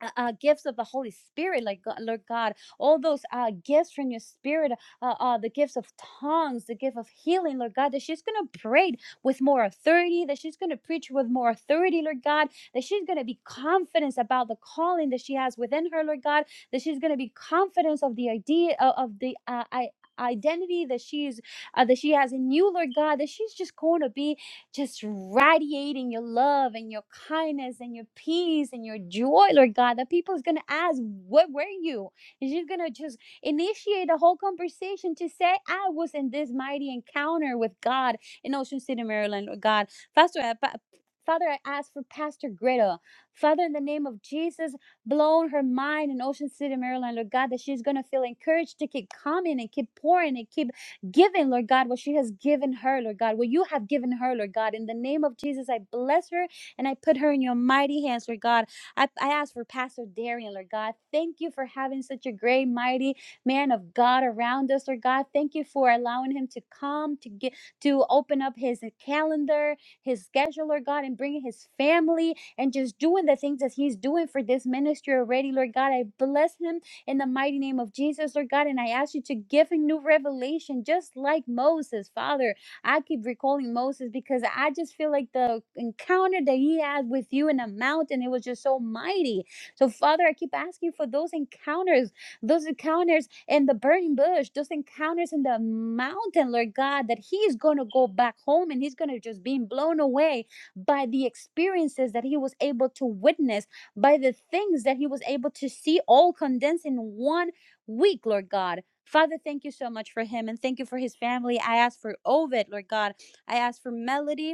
C: uh, uh, gifts of the Holy Spirit, like God, Lord God, all those uh, gifts from your Spirit, uh, uh, the gifts of tongues, the gift of healing, Lord God, that she's going to pray with more authority, that she's going to preach with more authority, Lord God, that she's going to be confident about the calling that she has within her, Lord God, that she's going to be confident of the idea of, of the uh, I, identity that she's uh, that she has in you lord god that she's just going to be just radiating your love and your kindness and your peace and your joy, Lord God, that people is going to ask, What were you? And she's going to just initiate a whole conversation to say, I was in this mighty encounter with God in Ocean City, Maryland, Lord God. Pastor, I, fa- Father, I ask for Pastor Greta. Father, in the name of Jesus, blown her mind in Ocean City, Maryland, Lord God, that she's going to feel encouraged to keep coming and keep pouring and keep given, Lord God, what she has given her, Lord God, what you have given her, Lord God. In the name of Jesus, I bless her and I put her in your mighty hands, Lord God. I, I ask for Pastor Darian, Lord God. Thank you for having such a great, mighty man of God around us, Lord God. Thank you for allowing him to come, to get to open up his calendar, his schedule, Lord God, and bringing his family and just doing the things that he's doing for this ministry already, Lord God. I bless him in the mighty name of Jesus, Lord God. And I ask you to give him new revelation, just like Moses, Father. I keep recalling Moses because I just feel like the encounter that he had with you in the mountain, it was just so mighty. So, Father, I keep asking for those encounters, those encounters in the burning bush, those encounters in the mountain, Lord God, that he's going to go back home and he's going to just be blown away by the experiences that he was able to witness by the things that he was able to see all condensed in one week, Lord God. Father, thank you so much for him and thank you for his family. I ask for Ovid, Lord God. I ask for Melody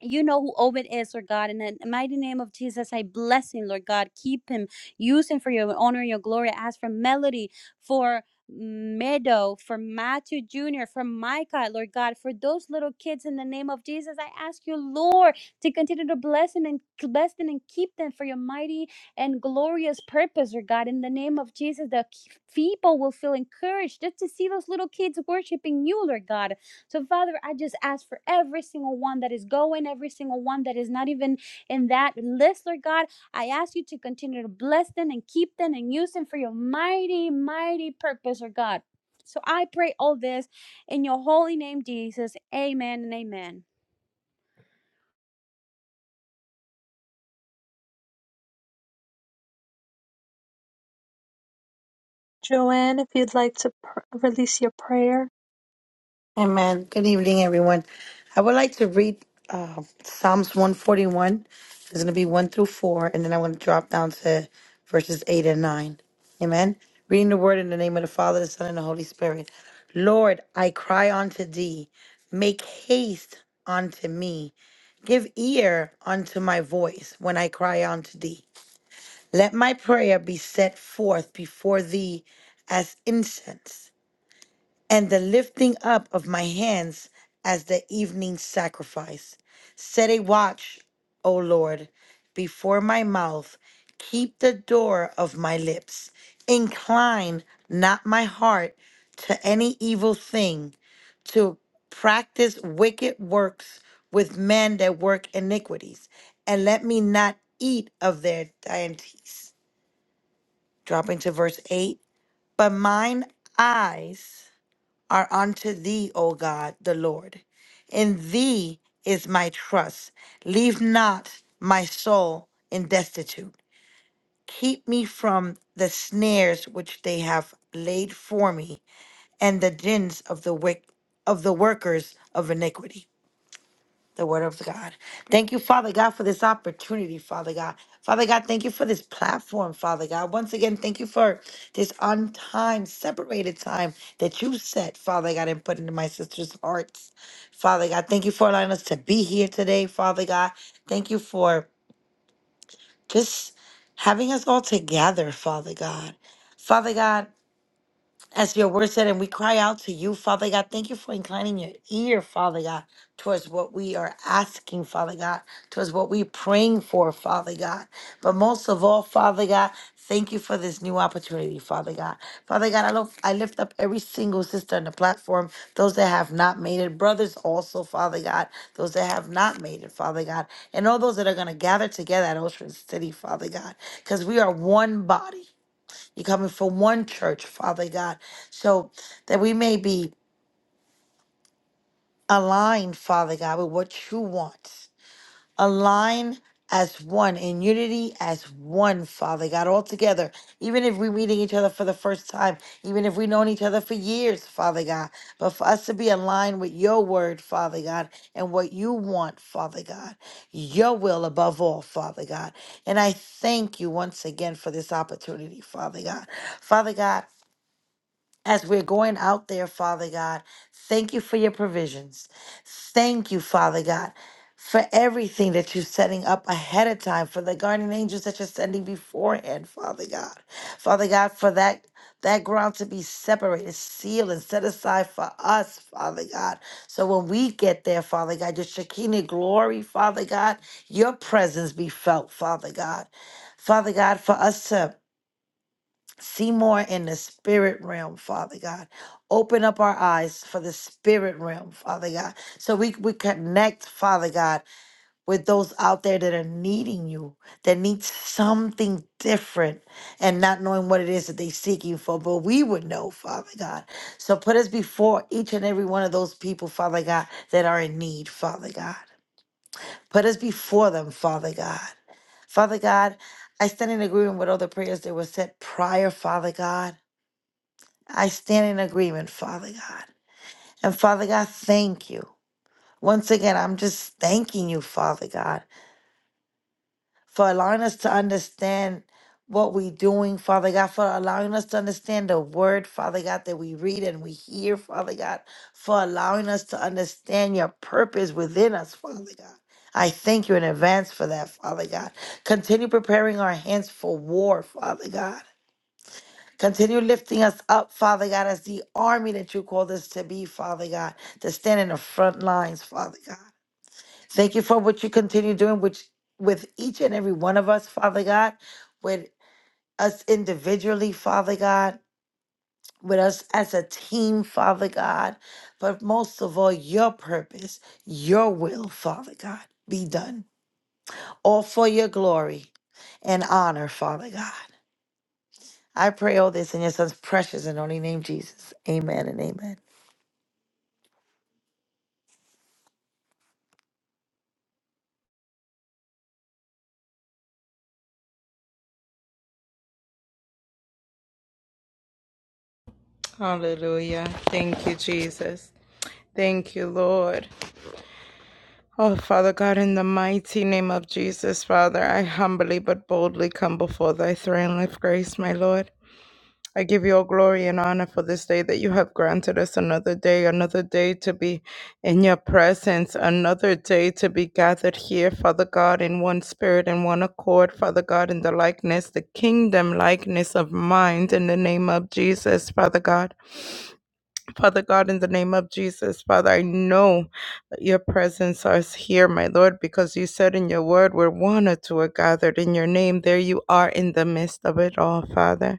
C: you know who Obed is, Lord God. In the mighty name of Jesus, I bless him, Lord God. Keep him, use him for your honor and your glory. I Ask for Melody, for Meadow, for Matthew Jr., for Micah, Lord God, for those little kids in the name of Jesus. I ask you, Lord, to continue to bless them and bless them and keep them for your mighty and glorious purpose, Lord God. In the name of Jesus, the people will feel encouraged just to see those little kids worshiping you, Lord God. So, Father, I just ask for every single one that is going, every single one that is not even in that list, Lord God. I ask you to continue to bless them and keep them and use them for your mighty, mighty purpose, Lord God. So I pray all this in your holy name, Jesus. Amen and amen.
A: Joanne, if you'd like to pr- release your prayer.
D: Amen. Good evening, everyone. I would like to read uh, Psalms 141. It's going to be 1 through 4, and then I'm going to drop down to verses 8 and 9. Amen. Reading the word in the name of the Father, the Son, and the Holy Spirit. Lord, I cry unto thee. Make haste unto me. Give ear unto my voice when I cry unto thee. Let my prayer be set forth before thee as incense and the lifting up of my hands as the evening sacrifice. Set a watch, O Lord, before my mouth. Keep the door of my lips. Incline not my heart to any evil thing, to practice wicked works with men that work iniquities, and let me not eat of their dainties. Dropping to verse 8. But mine eyes are unto thee, O God, the Lord. In thee is my trust. Leave not my soul in destitute. Keep me from the snares which they have laid for me, and the dins of the wick of the workers of iniquity the word of God. Thank you, Father God, for this opportunity, Father God. Father God, thank you for this platform, Father God. Once again, thank you for this on time, separated time that you set, Father God, and put into my sister's hearts. Father God, thank you for allowing us to be here today, Father God. Thank you for just having us all together, Father God. Father God, as your word said, and we cry out to you, Father God. Thank you for inclining your ear, Father God, towards what we are asking, Father God, towards what we're praying for, Father God. But most of all, Father God, thank you for this new opportunity, Father God. Father God, I, love, I lift up every single sister on the platform, those that have not made it, brothers also, Father God, those that have not made it, Father God, and all those that are going to gather together at Ocean City, Father God, because we are one body. You're coming from one church, Father God. So that we may be aligned, Father God, with what you want. Align as one, in unity as one, Father God, all together. Even if we're meeting each other for the first time, even if we've known each other for years, Father God. But for us to be aligned with your word, Father God, and what you want, Father God. Your will above all, Father God. And I thank you once again for this opportunity, Father God. Father God, as we're going out there, Father God. Thank you for your provisions. Thank you, Father God, for everything that you're setting up ahead of time, for the guardian angels that you're sending beforehand, Father God. Father God, for that. That ground to be separated, sealed, and set aside for us, Father God. So when we get there, Father God, your Shekinah glory, Father God, your presence be felt, Father God. Father God, for us to See more in the spirit realm, Father God. Open up our eyes for the spirit realm, Father God. So we, we connect, Father God, with those out there that are needing you, that need something different and not knowing what it is that they're seeking for. But we would know, Father God. So put us before each and every one of those people, Father God, that are in need, Father God. Put us before them, Father God. Father God, I stand in agreement with all the prayers that were said prior, Father God. I stand in agreement, Father God. And Father God, thank you. Once again, I'm just thanking you, Father God, for allowing us to understand what we're doing, Father God, for allowing us to understand the word, Father God, that we read and we hear, Father God, for allowing us to understand your purpose within us, Father God. I thank you in advance for that, Father God. Continue preparing our hands for war, Father God. Continue lifting us up, Father God, as the army that you called us to be, Father God, to stand in the front lines, Father God. Thank you for what you continue doing which, with each and every one of us, Father God, with us individually, Father God, with us as a team, Father God. But most of all, your purpose, your will, Father God, be done. All for your glory and honor, Father God. I pray all this in your son's precious and only name, Jesus. Amen and amen.
E: Hallelujah. Thank you, Jesus. Thank you, Lord. Oh, Father God, in the mighty name of Jesus, Father, I humbly but boldly come before thy throne of grace, my Lord. I give you all glory and honor for this day that you have granted us another day, another day to be in your presence, another day to be gathered here, Father God, in one spirit and one accord, Father God, in the likeness, the kingdom likeness of mind, in the name of Jesus, Father God. Father God, in the name of Jesus, Father, I know that your presence is here, my Lord, because you said in your word, where one or two are gathered in your name, there you are in the midst of it all, Father.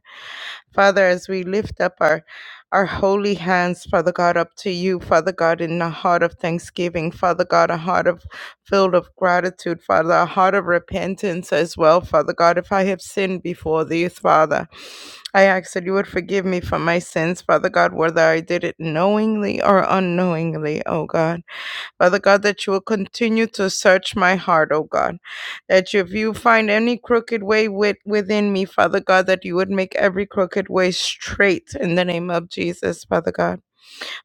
E: Father, as we lift up our our holy hands, Father God, up to you, Father God, in a heart of thanksgiving, Father God, a heart of filled of gratitude, Father, a heart of repentance as well, Father God. If I have sinned before thee, Father, I ask that you would forgive me for my sins, Father God, whether I did it knowingly or unknowingly, oh God. Father God, that you will continue to search my heart, oh God. That if you find any crooked way with, within me, Father God, that you would make every crooked way straight in the name of Jesus, Father God.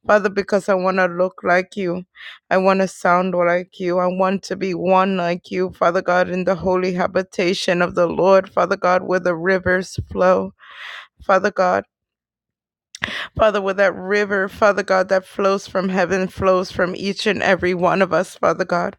E: Father, because I want to look like you. I want to sound like you. I want to be one like you, Father God, in the holy habitation of the Lord, Father God, where the rivers flow. Father God, Father, with that river, Father God, that flows from heaven, flows from each and every one of us, Father God.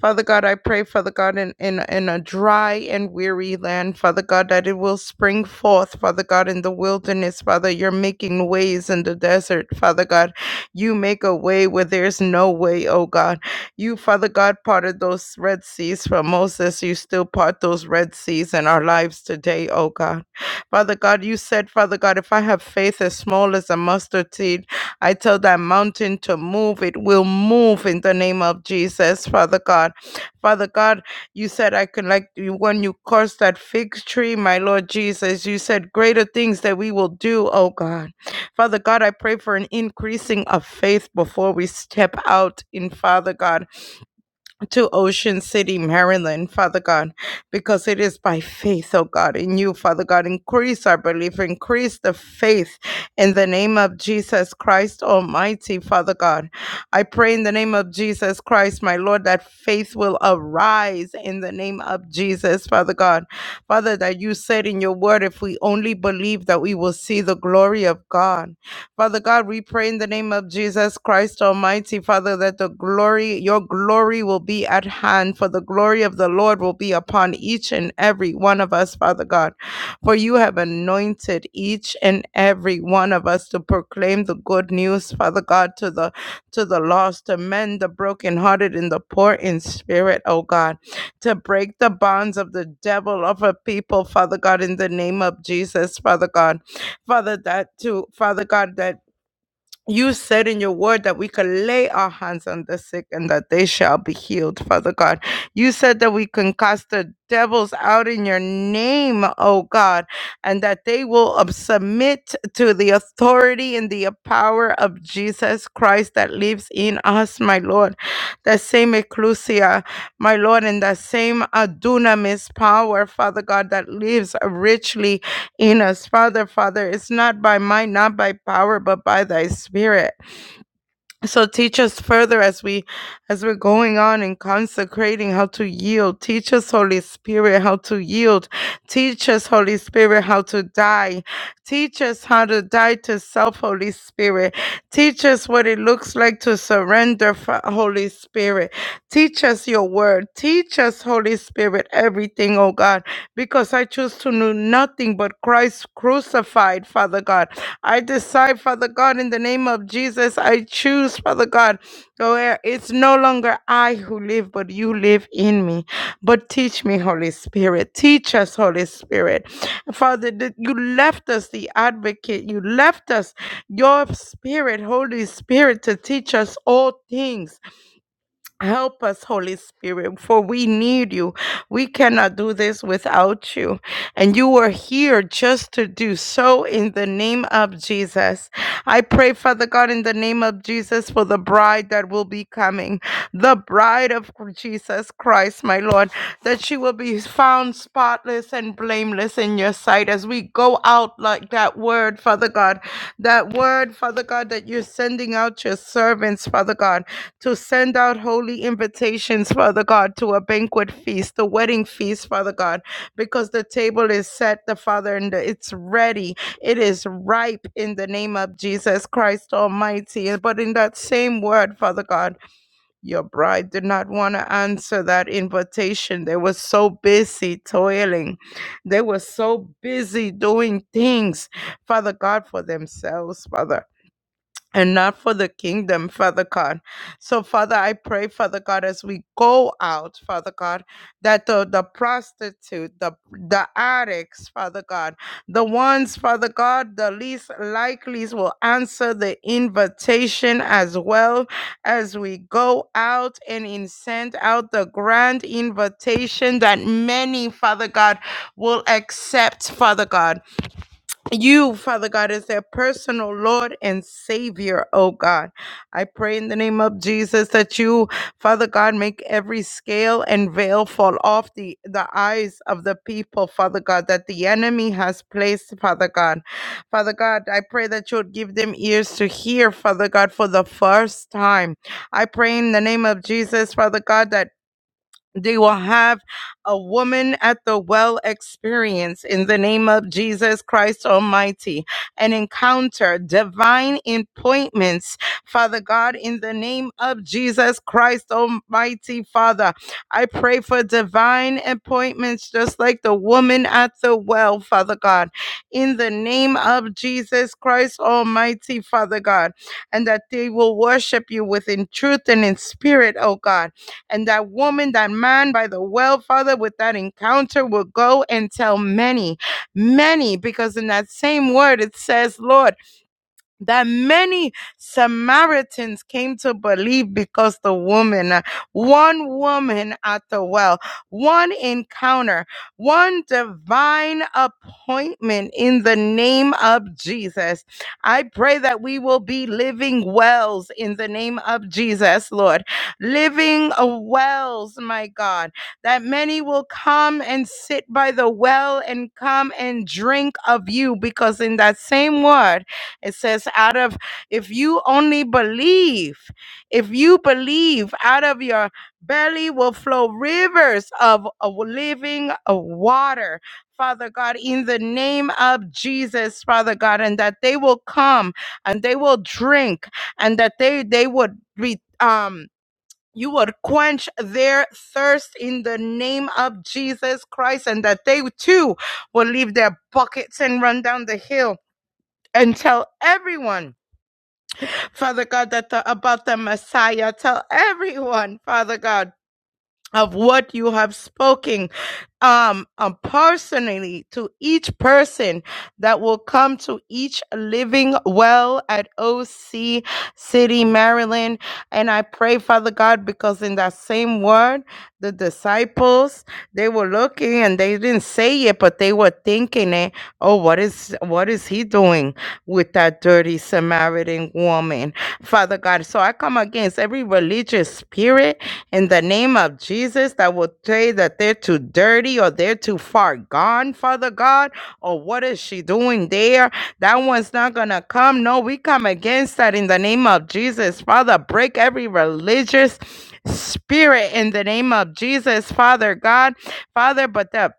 E: Father God, I pray, Father God, in, in, in a dry and weary land, Father God, that it will spring forth, Father God, in the wilderness, Father. You're making ways in the desert, Father God. You make a way where there's no way, oh God. You, Father God, parted those Red Seas for Moses. You still part those Red Seas in our lives today, oh God. Father God, you said, Father God, if I have faith as small as a mustard seed, I tell that mountain to move, it will move in the name of Jesus, Father God. Father God, you said I can like you when you cursed that fig tree, my Lord Jesus, you said greater things that we will do, oh God. Father God, I pray for an increasing of faith before we step out in Father God to Ocean City, Maryland, Father God, because it is by faith, oh God, in you, Father God. Increase our belief, increase the faith in the name of Jesus Christ Almighty, Father God. I pray in the name of Jesus Christ, my Lord, that faith will arise in the name of Jesus, Father God. Father, that you said in your word, if we only believe that we will see the glory of God. Father God, we pray in the name of Jesus Christ Almighty, Father, that the glory, your glory will be at hand, for the glory of the Lord will be upon each and every one of us, Father God. For you have anointed each and every one of us to proclaim the good news, Father God, to the to the lost, to mend the brokenhearted and the poor in spirit, oh God, to break the bonds of the devil of a people, Father God, in the name of Jesus, Father God. Father, that to Father God, that you said in your word that we could lay our hands on the sick and that they shall be healed, Father God. You said that we can cast the devils out in your name, oh God, and that they will um, submit to the authority and the power of Jesus Christ that lives in us, my Lord. That same ecclesia, my Lord, and that same uh, dunamis power, Father God, that lives richly in us. Father, Father, it's not by might, not by power, but by thy spirit. So teach us further as we as we're going on and consecrating how to yield. Teach us, Holy Spirit, how to yield. Teach us, Holy Spirit, how to die. Teach us how to die to self, Holy Spirit. Teach us what it looks like to surrender, Fa- Holy Spirit. Teach us your word. Teach us, Holy Spirit, everything, oh God, because I choose to know nothing but Christ crucified, Father God. I decide, Father God, in the name of Jesus, I choose, Father God, where it's no longer I who live, but you live in me. But teach me, Holy Spirit. Teach us, Holy Spirit. Father, that you left us the advocate. You left us your spirit, Holy Spirit, to teach us all things Help us, Holy Spirit, for we need you. We cannot do this without you. And you are here just to do so in the name of Jesus. I pray, Father God, in the name of Jesus, for the bride that will be coming, the bride of Jesus Christ my Lord, that she will be found spotless and blameless in your sight as we go out like that word, Father God. That word, Father God, that you're sending out your servants, Father God, to send out holy invitations, Father God, to a banquet feast, the wedding feast, Father God, because the table is set, the Father, and it's ready. It is ripe in the name of Jesus Christ Almighty. But in that same word, Father God, your bride did not want to answer that invitation. They were so busy toiling. They were so busy doing things, Father God, for themselves, Father and not for the kingdom, Father God. So, Father, I pray, Father God, as we go out, Father God, that the, the prostitute, the, the addicts, Father God, the ones, Father God, the least likelies will answer the invitation as well as we go out and in send out the grand invitation that many, Father God, will accept, Father God you, Father God, is their personal Lord and Savior, oh God. I pray in the name of Jesus that you, Father God, make every scale and veil fall off the, the eyes of the people, Father God, that the enemy has placed, Father God. Father God, I pray that you would give them ears to hear, Father God, for the first time. I pray in the name of Jesus, Father God, that they will have a woman at the well experience in the name of Jesus Christ Almighty. An encounter, divine appointments, Father God, in the name of Jesus Christ Almighty, Father. I pray for divine appointments, just like the woman at the well, Father God, in the name of Jesus Christ Almighty, Father God, and that they will worship you with in truth and in spirit, oh God and that woman, that man by the well, Father, with that encounter will go and tell many, many, because in that same word it says, Lord, that many Samaritans came to believe because the woman, uh, one woman at the well, one encounter, one divine appointment in the name of Jesus. I pray that we will be living wells in the name of Jesus, Lord. Living uh, wells, my God, that many will come and sit by the well and come and drink of you because in that same word, it says, out of, if you only believe, if you believe, out of your belly will flow rivers of, of living water. Father God, in the name of Jesus, Father God, and that they will come and they will drink and that they, they would be, um, you would quench their thirst in the name of Jesus Christ, and that they too will leave their buckets and run down the hill and tell everyone Father God, that the, about the Messiah. Tell everyone, Father God, of what you have spoken um, um personally to each person that will come to each living well at OC City, Maryland. And I pray, Father God, because in that same word, the disciples they were looking and they didn't say it, but they were thinking it. Oh, what is what is he doing with that dirty Samaritan woman, Father God? So I come against every religious spirit in the name of Jesus that will say that they're too dirty or they're too far gone, Father God, or what is she doing there? That one's not going to come. No, we come against that in the name of Jesus, Father. Break every religious spirit in the name of Jesus, Father God, Father. But the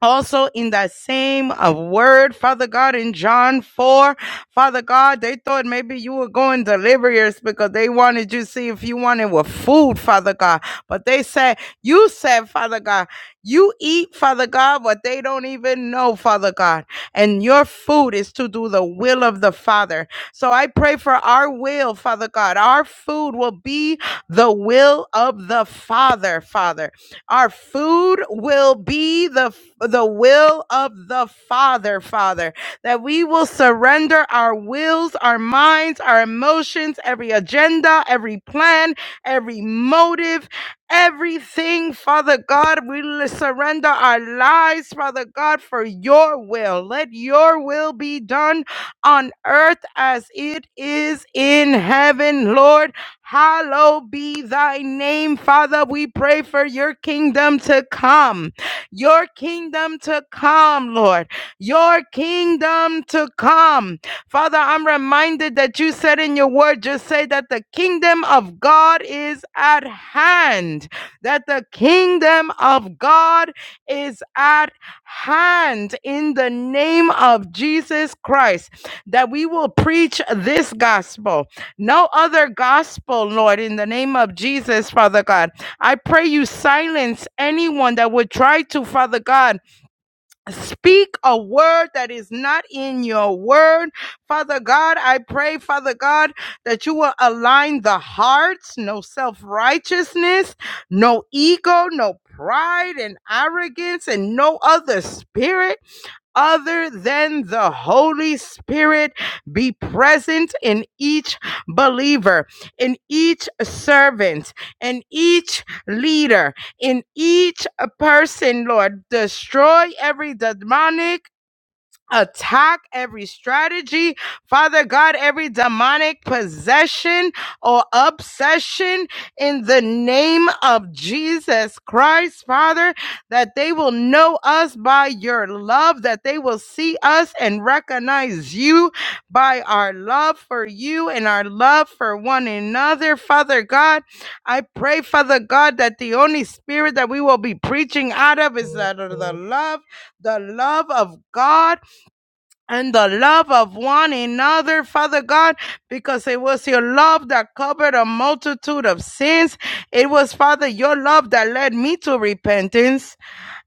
E: also in that same uh, word, Father God, in John 4, Father God, they thought maybe you were going delirious because they wanted you to see if you wanted with food, Father God. But they said, you said, Father God, you eat, Father God, what they don't even know, Father God. And your food is to do the will of the Father. So I pray for our will, Father God. Our food will be the will of the Father, Father. Our food will be the the will of the Father, Father, that we will surrender our wills, our minds, our emotions, every agenda, every plan, every motive, everything, Father God. We surrender our lives, Father God, for your will. Let your will be done on earth as it is in heaven, Lord Hallowed be thy name, Father. We pray for your kingdom to come. Your kingdom to come, Lord. Your kingdom to come. Father, I'm reminded that you said in your word, just say that the kingdom of God is at hand. That the kingdom of God is at hand in the name of Jesus Christ. That we will preach this gospel no other gospel, Lord, in the name of Jesus, Father God. I pray you silence anyone that would try to, Father God, speak a word that is not in your word. Father God, I pray, Father God, that you will align the hearts, no self righteousness, no ego, no pride and arrogance, and no other spirit other than the Holy Spirit be present in each believer, in each servant, in each leader, in each person, Lord. Destroy every demonic attack, every strategy, Father God, every demonic possession or obsession in the name of Jesus Christ, Father, that they will know us by your love, that they will see us and recognize you by our love for you and our love for one another, Father God. I pray, Father God, that the only spirit that we will be preaching out of is that of the love, the love of God and the love of one another, Father God, because it was your love that covered a multitude of sins. It was, Father, your love that led me to repentance.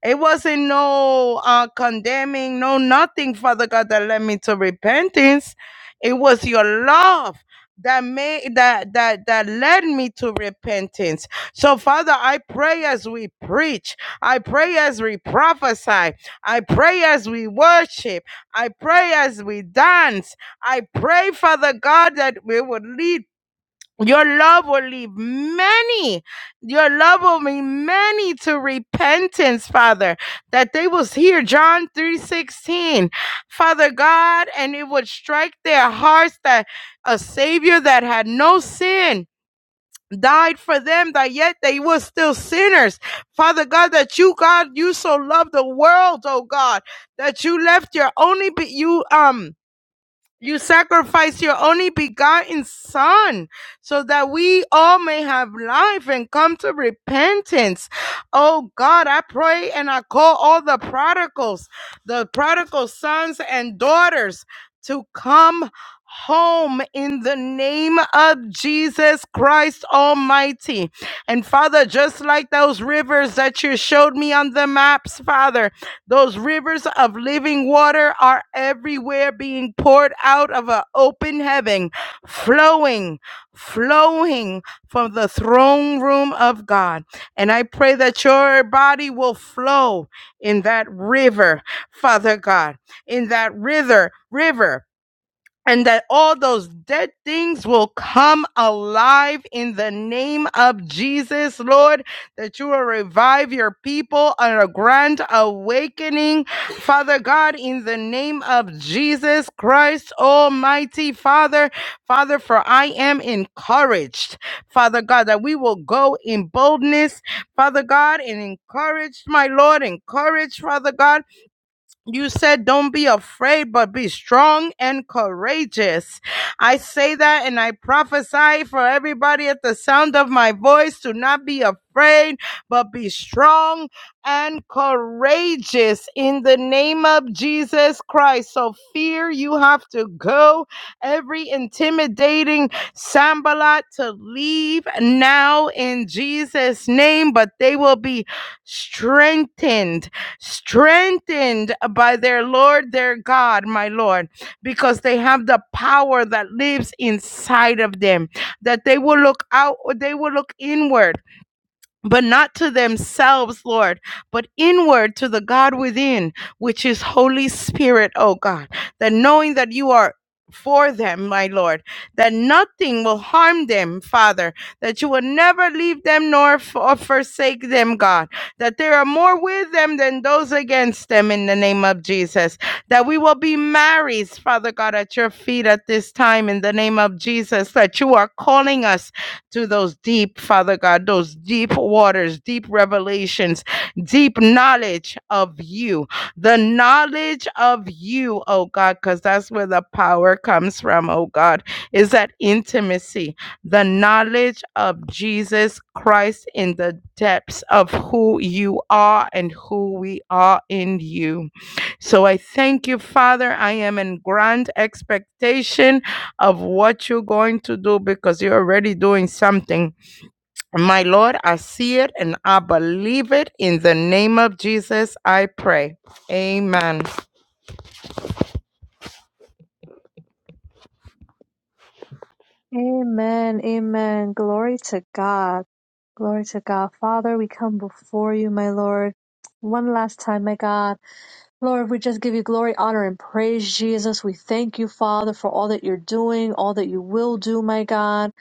E: It wasn't no uh, condemning, no nothing, Father God, that led me to repentance. It was your love that made that that that led me to repentance. So Father, I pray as we preach, I pray as we prophesy, I pray as we worship. I pray as we dance. I pray, Father God, that we would lead. Your love will lead many. Your love will bring many to repentance, Father, that they will hear John 3:16. Father God, and it would strike their hearts that a savior that had no sin died for them that yet they were still sinners. Father God, that you, God, you so loved the world, oh God, that you left your only, be- you, um, you sacrificed your only begotten Son so that we all may have life and come to repentance. Oh God, I pray and I call all the prodigals, the prodigal sons and daughters to come home in the name of Jesus Christ Almighty. And Father, just like those rivers that you showed me on the maps, Father. Those rivers of living water are everywhere being poured out of an open heaven, flowing, flowing from the throne room of God. And I pray that your body will flow in that river, Father God, in that river, river and that all those dead things will come alive in the name of Jesus, Lord, that you will revive your people on a grand awakening, Father God, in the name of Jesus Christ, Almighty Father, Father, for I am encouraged, Father God, that we will go in boldness, Father God, and encouraged, my Lord, encouraged, Father God you said, Don't be afraid, but be strong and courageous. I say that and I prophesy for everybody at the sound of my voice to not be afraid, but be strong and courageous in the name of Jesus Christ. So, fear, you have to go. Every intimidating sambalat to leave now in Jesus' name, but they will be strengthened strengthened by their Lord, their God, my Lord, because they have the power that lives inside of them, that they will look out, they will look inward but not to themselves, Lord, but inward to the God within, which is Holy Spirit, oh God, that knowing that you are for them, my Lord, that nothing will harm them, Father, that you will never leave them nor f- forsake them, God, that there are more with them than those against them in the name of Jesus, that we will be married, Father God, at your feet at this time in the name of Jesus, that you are calling us to those deep, Father God, those deep waters, deep revelations, deep knowledge of you, the knowledge of you, oh God, because that's where the power comes from, oh God, is that intimacy, the knowledge of Jesus Christ in the depths of who you are and who we are in you. So I thank you, Father. I am in grand expectation of what you're going to do because you're already doing something. My Lord, I see it and I believe it. In the name of Jesus, I pray. Amen.
A: Amen. Amen. Glory to God. Glory to God. Father, we come before you, my Lord, one last time, my God. Lord, we just give you glory, honor, and praise, Jesus. We thank you, Father, for all that you're doing, all that you will do, my God.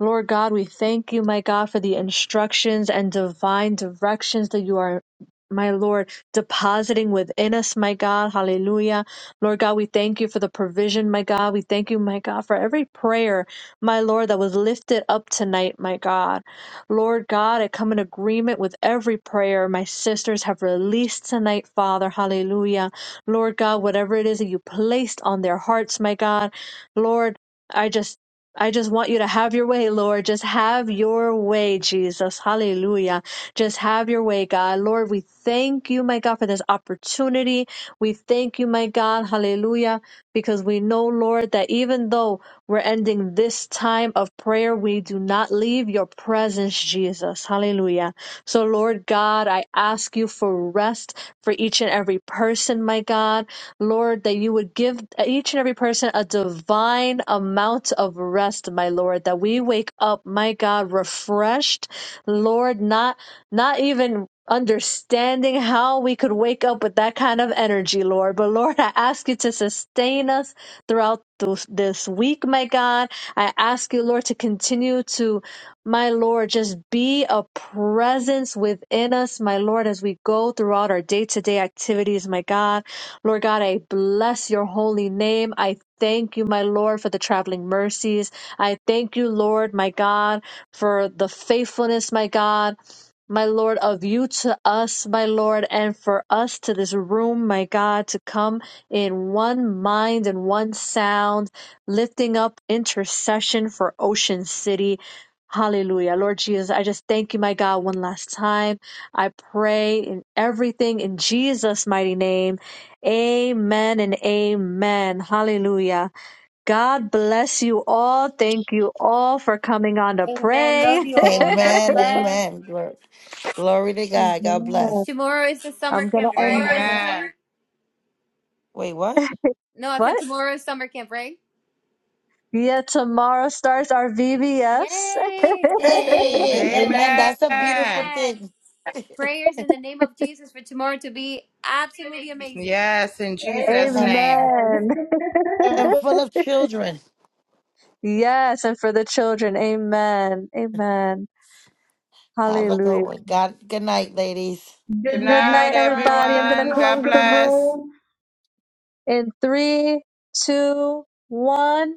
A: Lord God, we thank you, my God, for the instructions and divine directions that you are. My Lord, depositing within us, my God, hallelujah. Lord God, we thank you for the provision, my God. We thank you, my God, for every prayer, my Lord, that was lifted up tonight, my God. Lord God, I come in agreement with every prayer my sisters have released tonight, Father. Hallelujah. Lord God, whatever it is that you placed on their hearts, my God, Lord, I just I just want you to have your way, Lord. Just have your way, Jesus. Hallelujah. Just have your way, God. Lord, we thank you, my God, for this opportunity. We thank you, my God. Hallelujah. Because we know, Lord, that even though we're ending this time of prayer. We do not leave your presence, Jesus. Hallelujah. So, Lord God, I ask you for rest for each and every person, my God. Lord, that you would give each and every person a divine amount of rest, my Lord, that we wake up, my God, refreshed, Lord, not not even understanding how we could wake up with that kind of energy, Lord. But Lord, I ask you to sustain us throughout those, this week, my God. I ask you, Lord, to continue to, my Lord, just be a presence within us, my Lord, as we go throughout our day to day activities, my God. Lord God, I bless your holy name. I thank you, my Lord, for the traveling mercies. I thank you, Lord, my God, for the faithfulness, my God. My Lord, of you to us, my Lord, and for us to this room, my God, to come in one mind and one sound, lifting up intercession for Ocean City. Hallelujah. Lord Jesus, I just thank you, my God, one last time. I pray in everything in Jesus' mighty name. Amen and amen. Hallelujah. God bless you all. Thank you all for coming on to
C: Amen. Love
A: pray. [LAUGHS]
C: you all. God
D: Amen.
C: bless.
D: Amen. Glory, glory to God. God
A: Amen.
D: bless.
C: Tomorrow is the summer
A: I'm gonna
C: camp, right,
A: end
E: Amen.
C: Ashley?
D: Wait, what?
C: No, I said
A: what?
C: tomorrow is summer camp, right?
A: Yeah, tomorrow starts our VBS.
C: Yay!
D: Hey, amen. That's a beautiful
E: Amen.
C: Amen.
D: thing. [LAUGHS]
C: Prayers in the name of Jesus for tomorrow to be absolutely amazing.
E: Yes, in Jesus'
D: and
E: name.
A: Amen. [LAUGHS]
D: and full of children.
A: Yes, and for the children. Amen. Amen.
D: Have a good
A: Hallelujah.
D: one. God good night, ladies.
E: Good Good
A: Good
E: night, night,
A: night, everybody. I'm gonna
E: everybody. everyone. God
A: close the
E: bless.
A: room in three, two, one.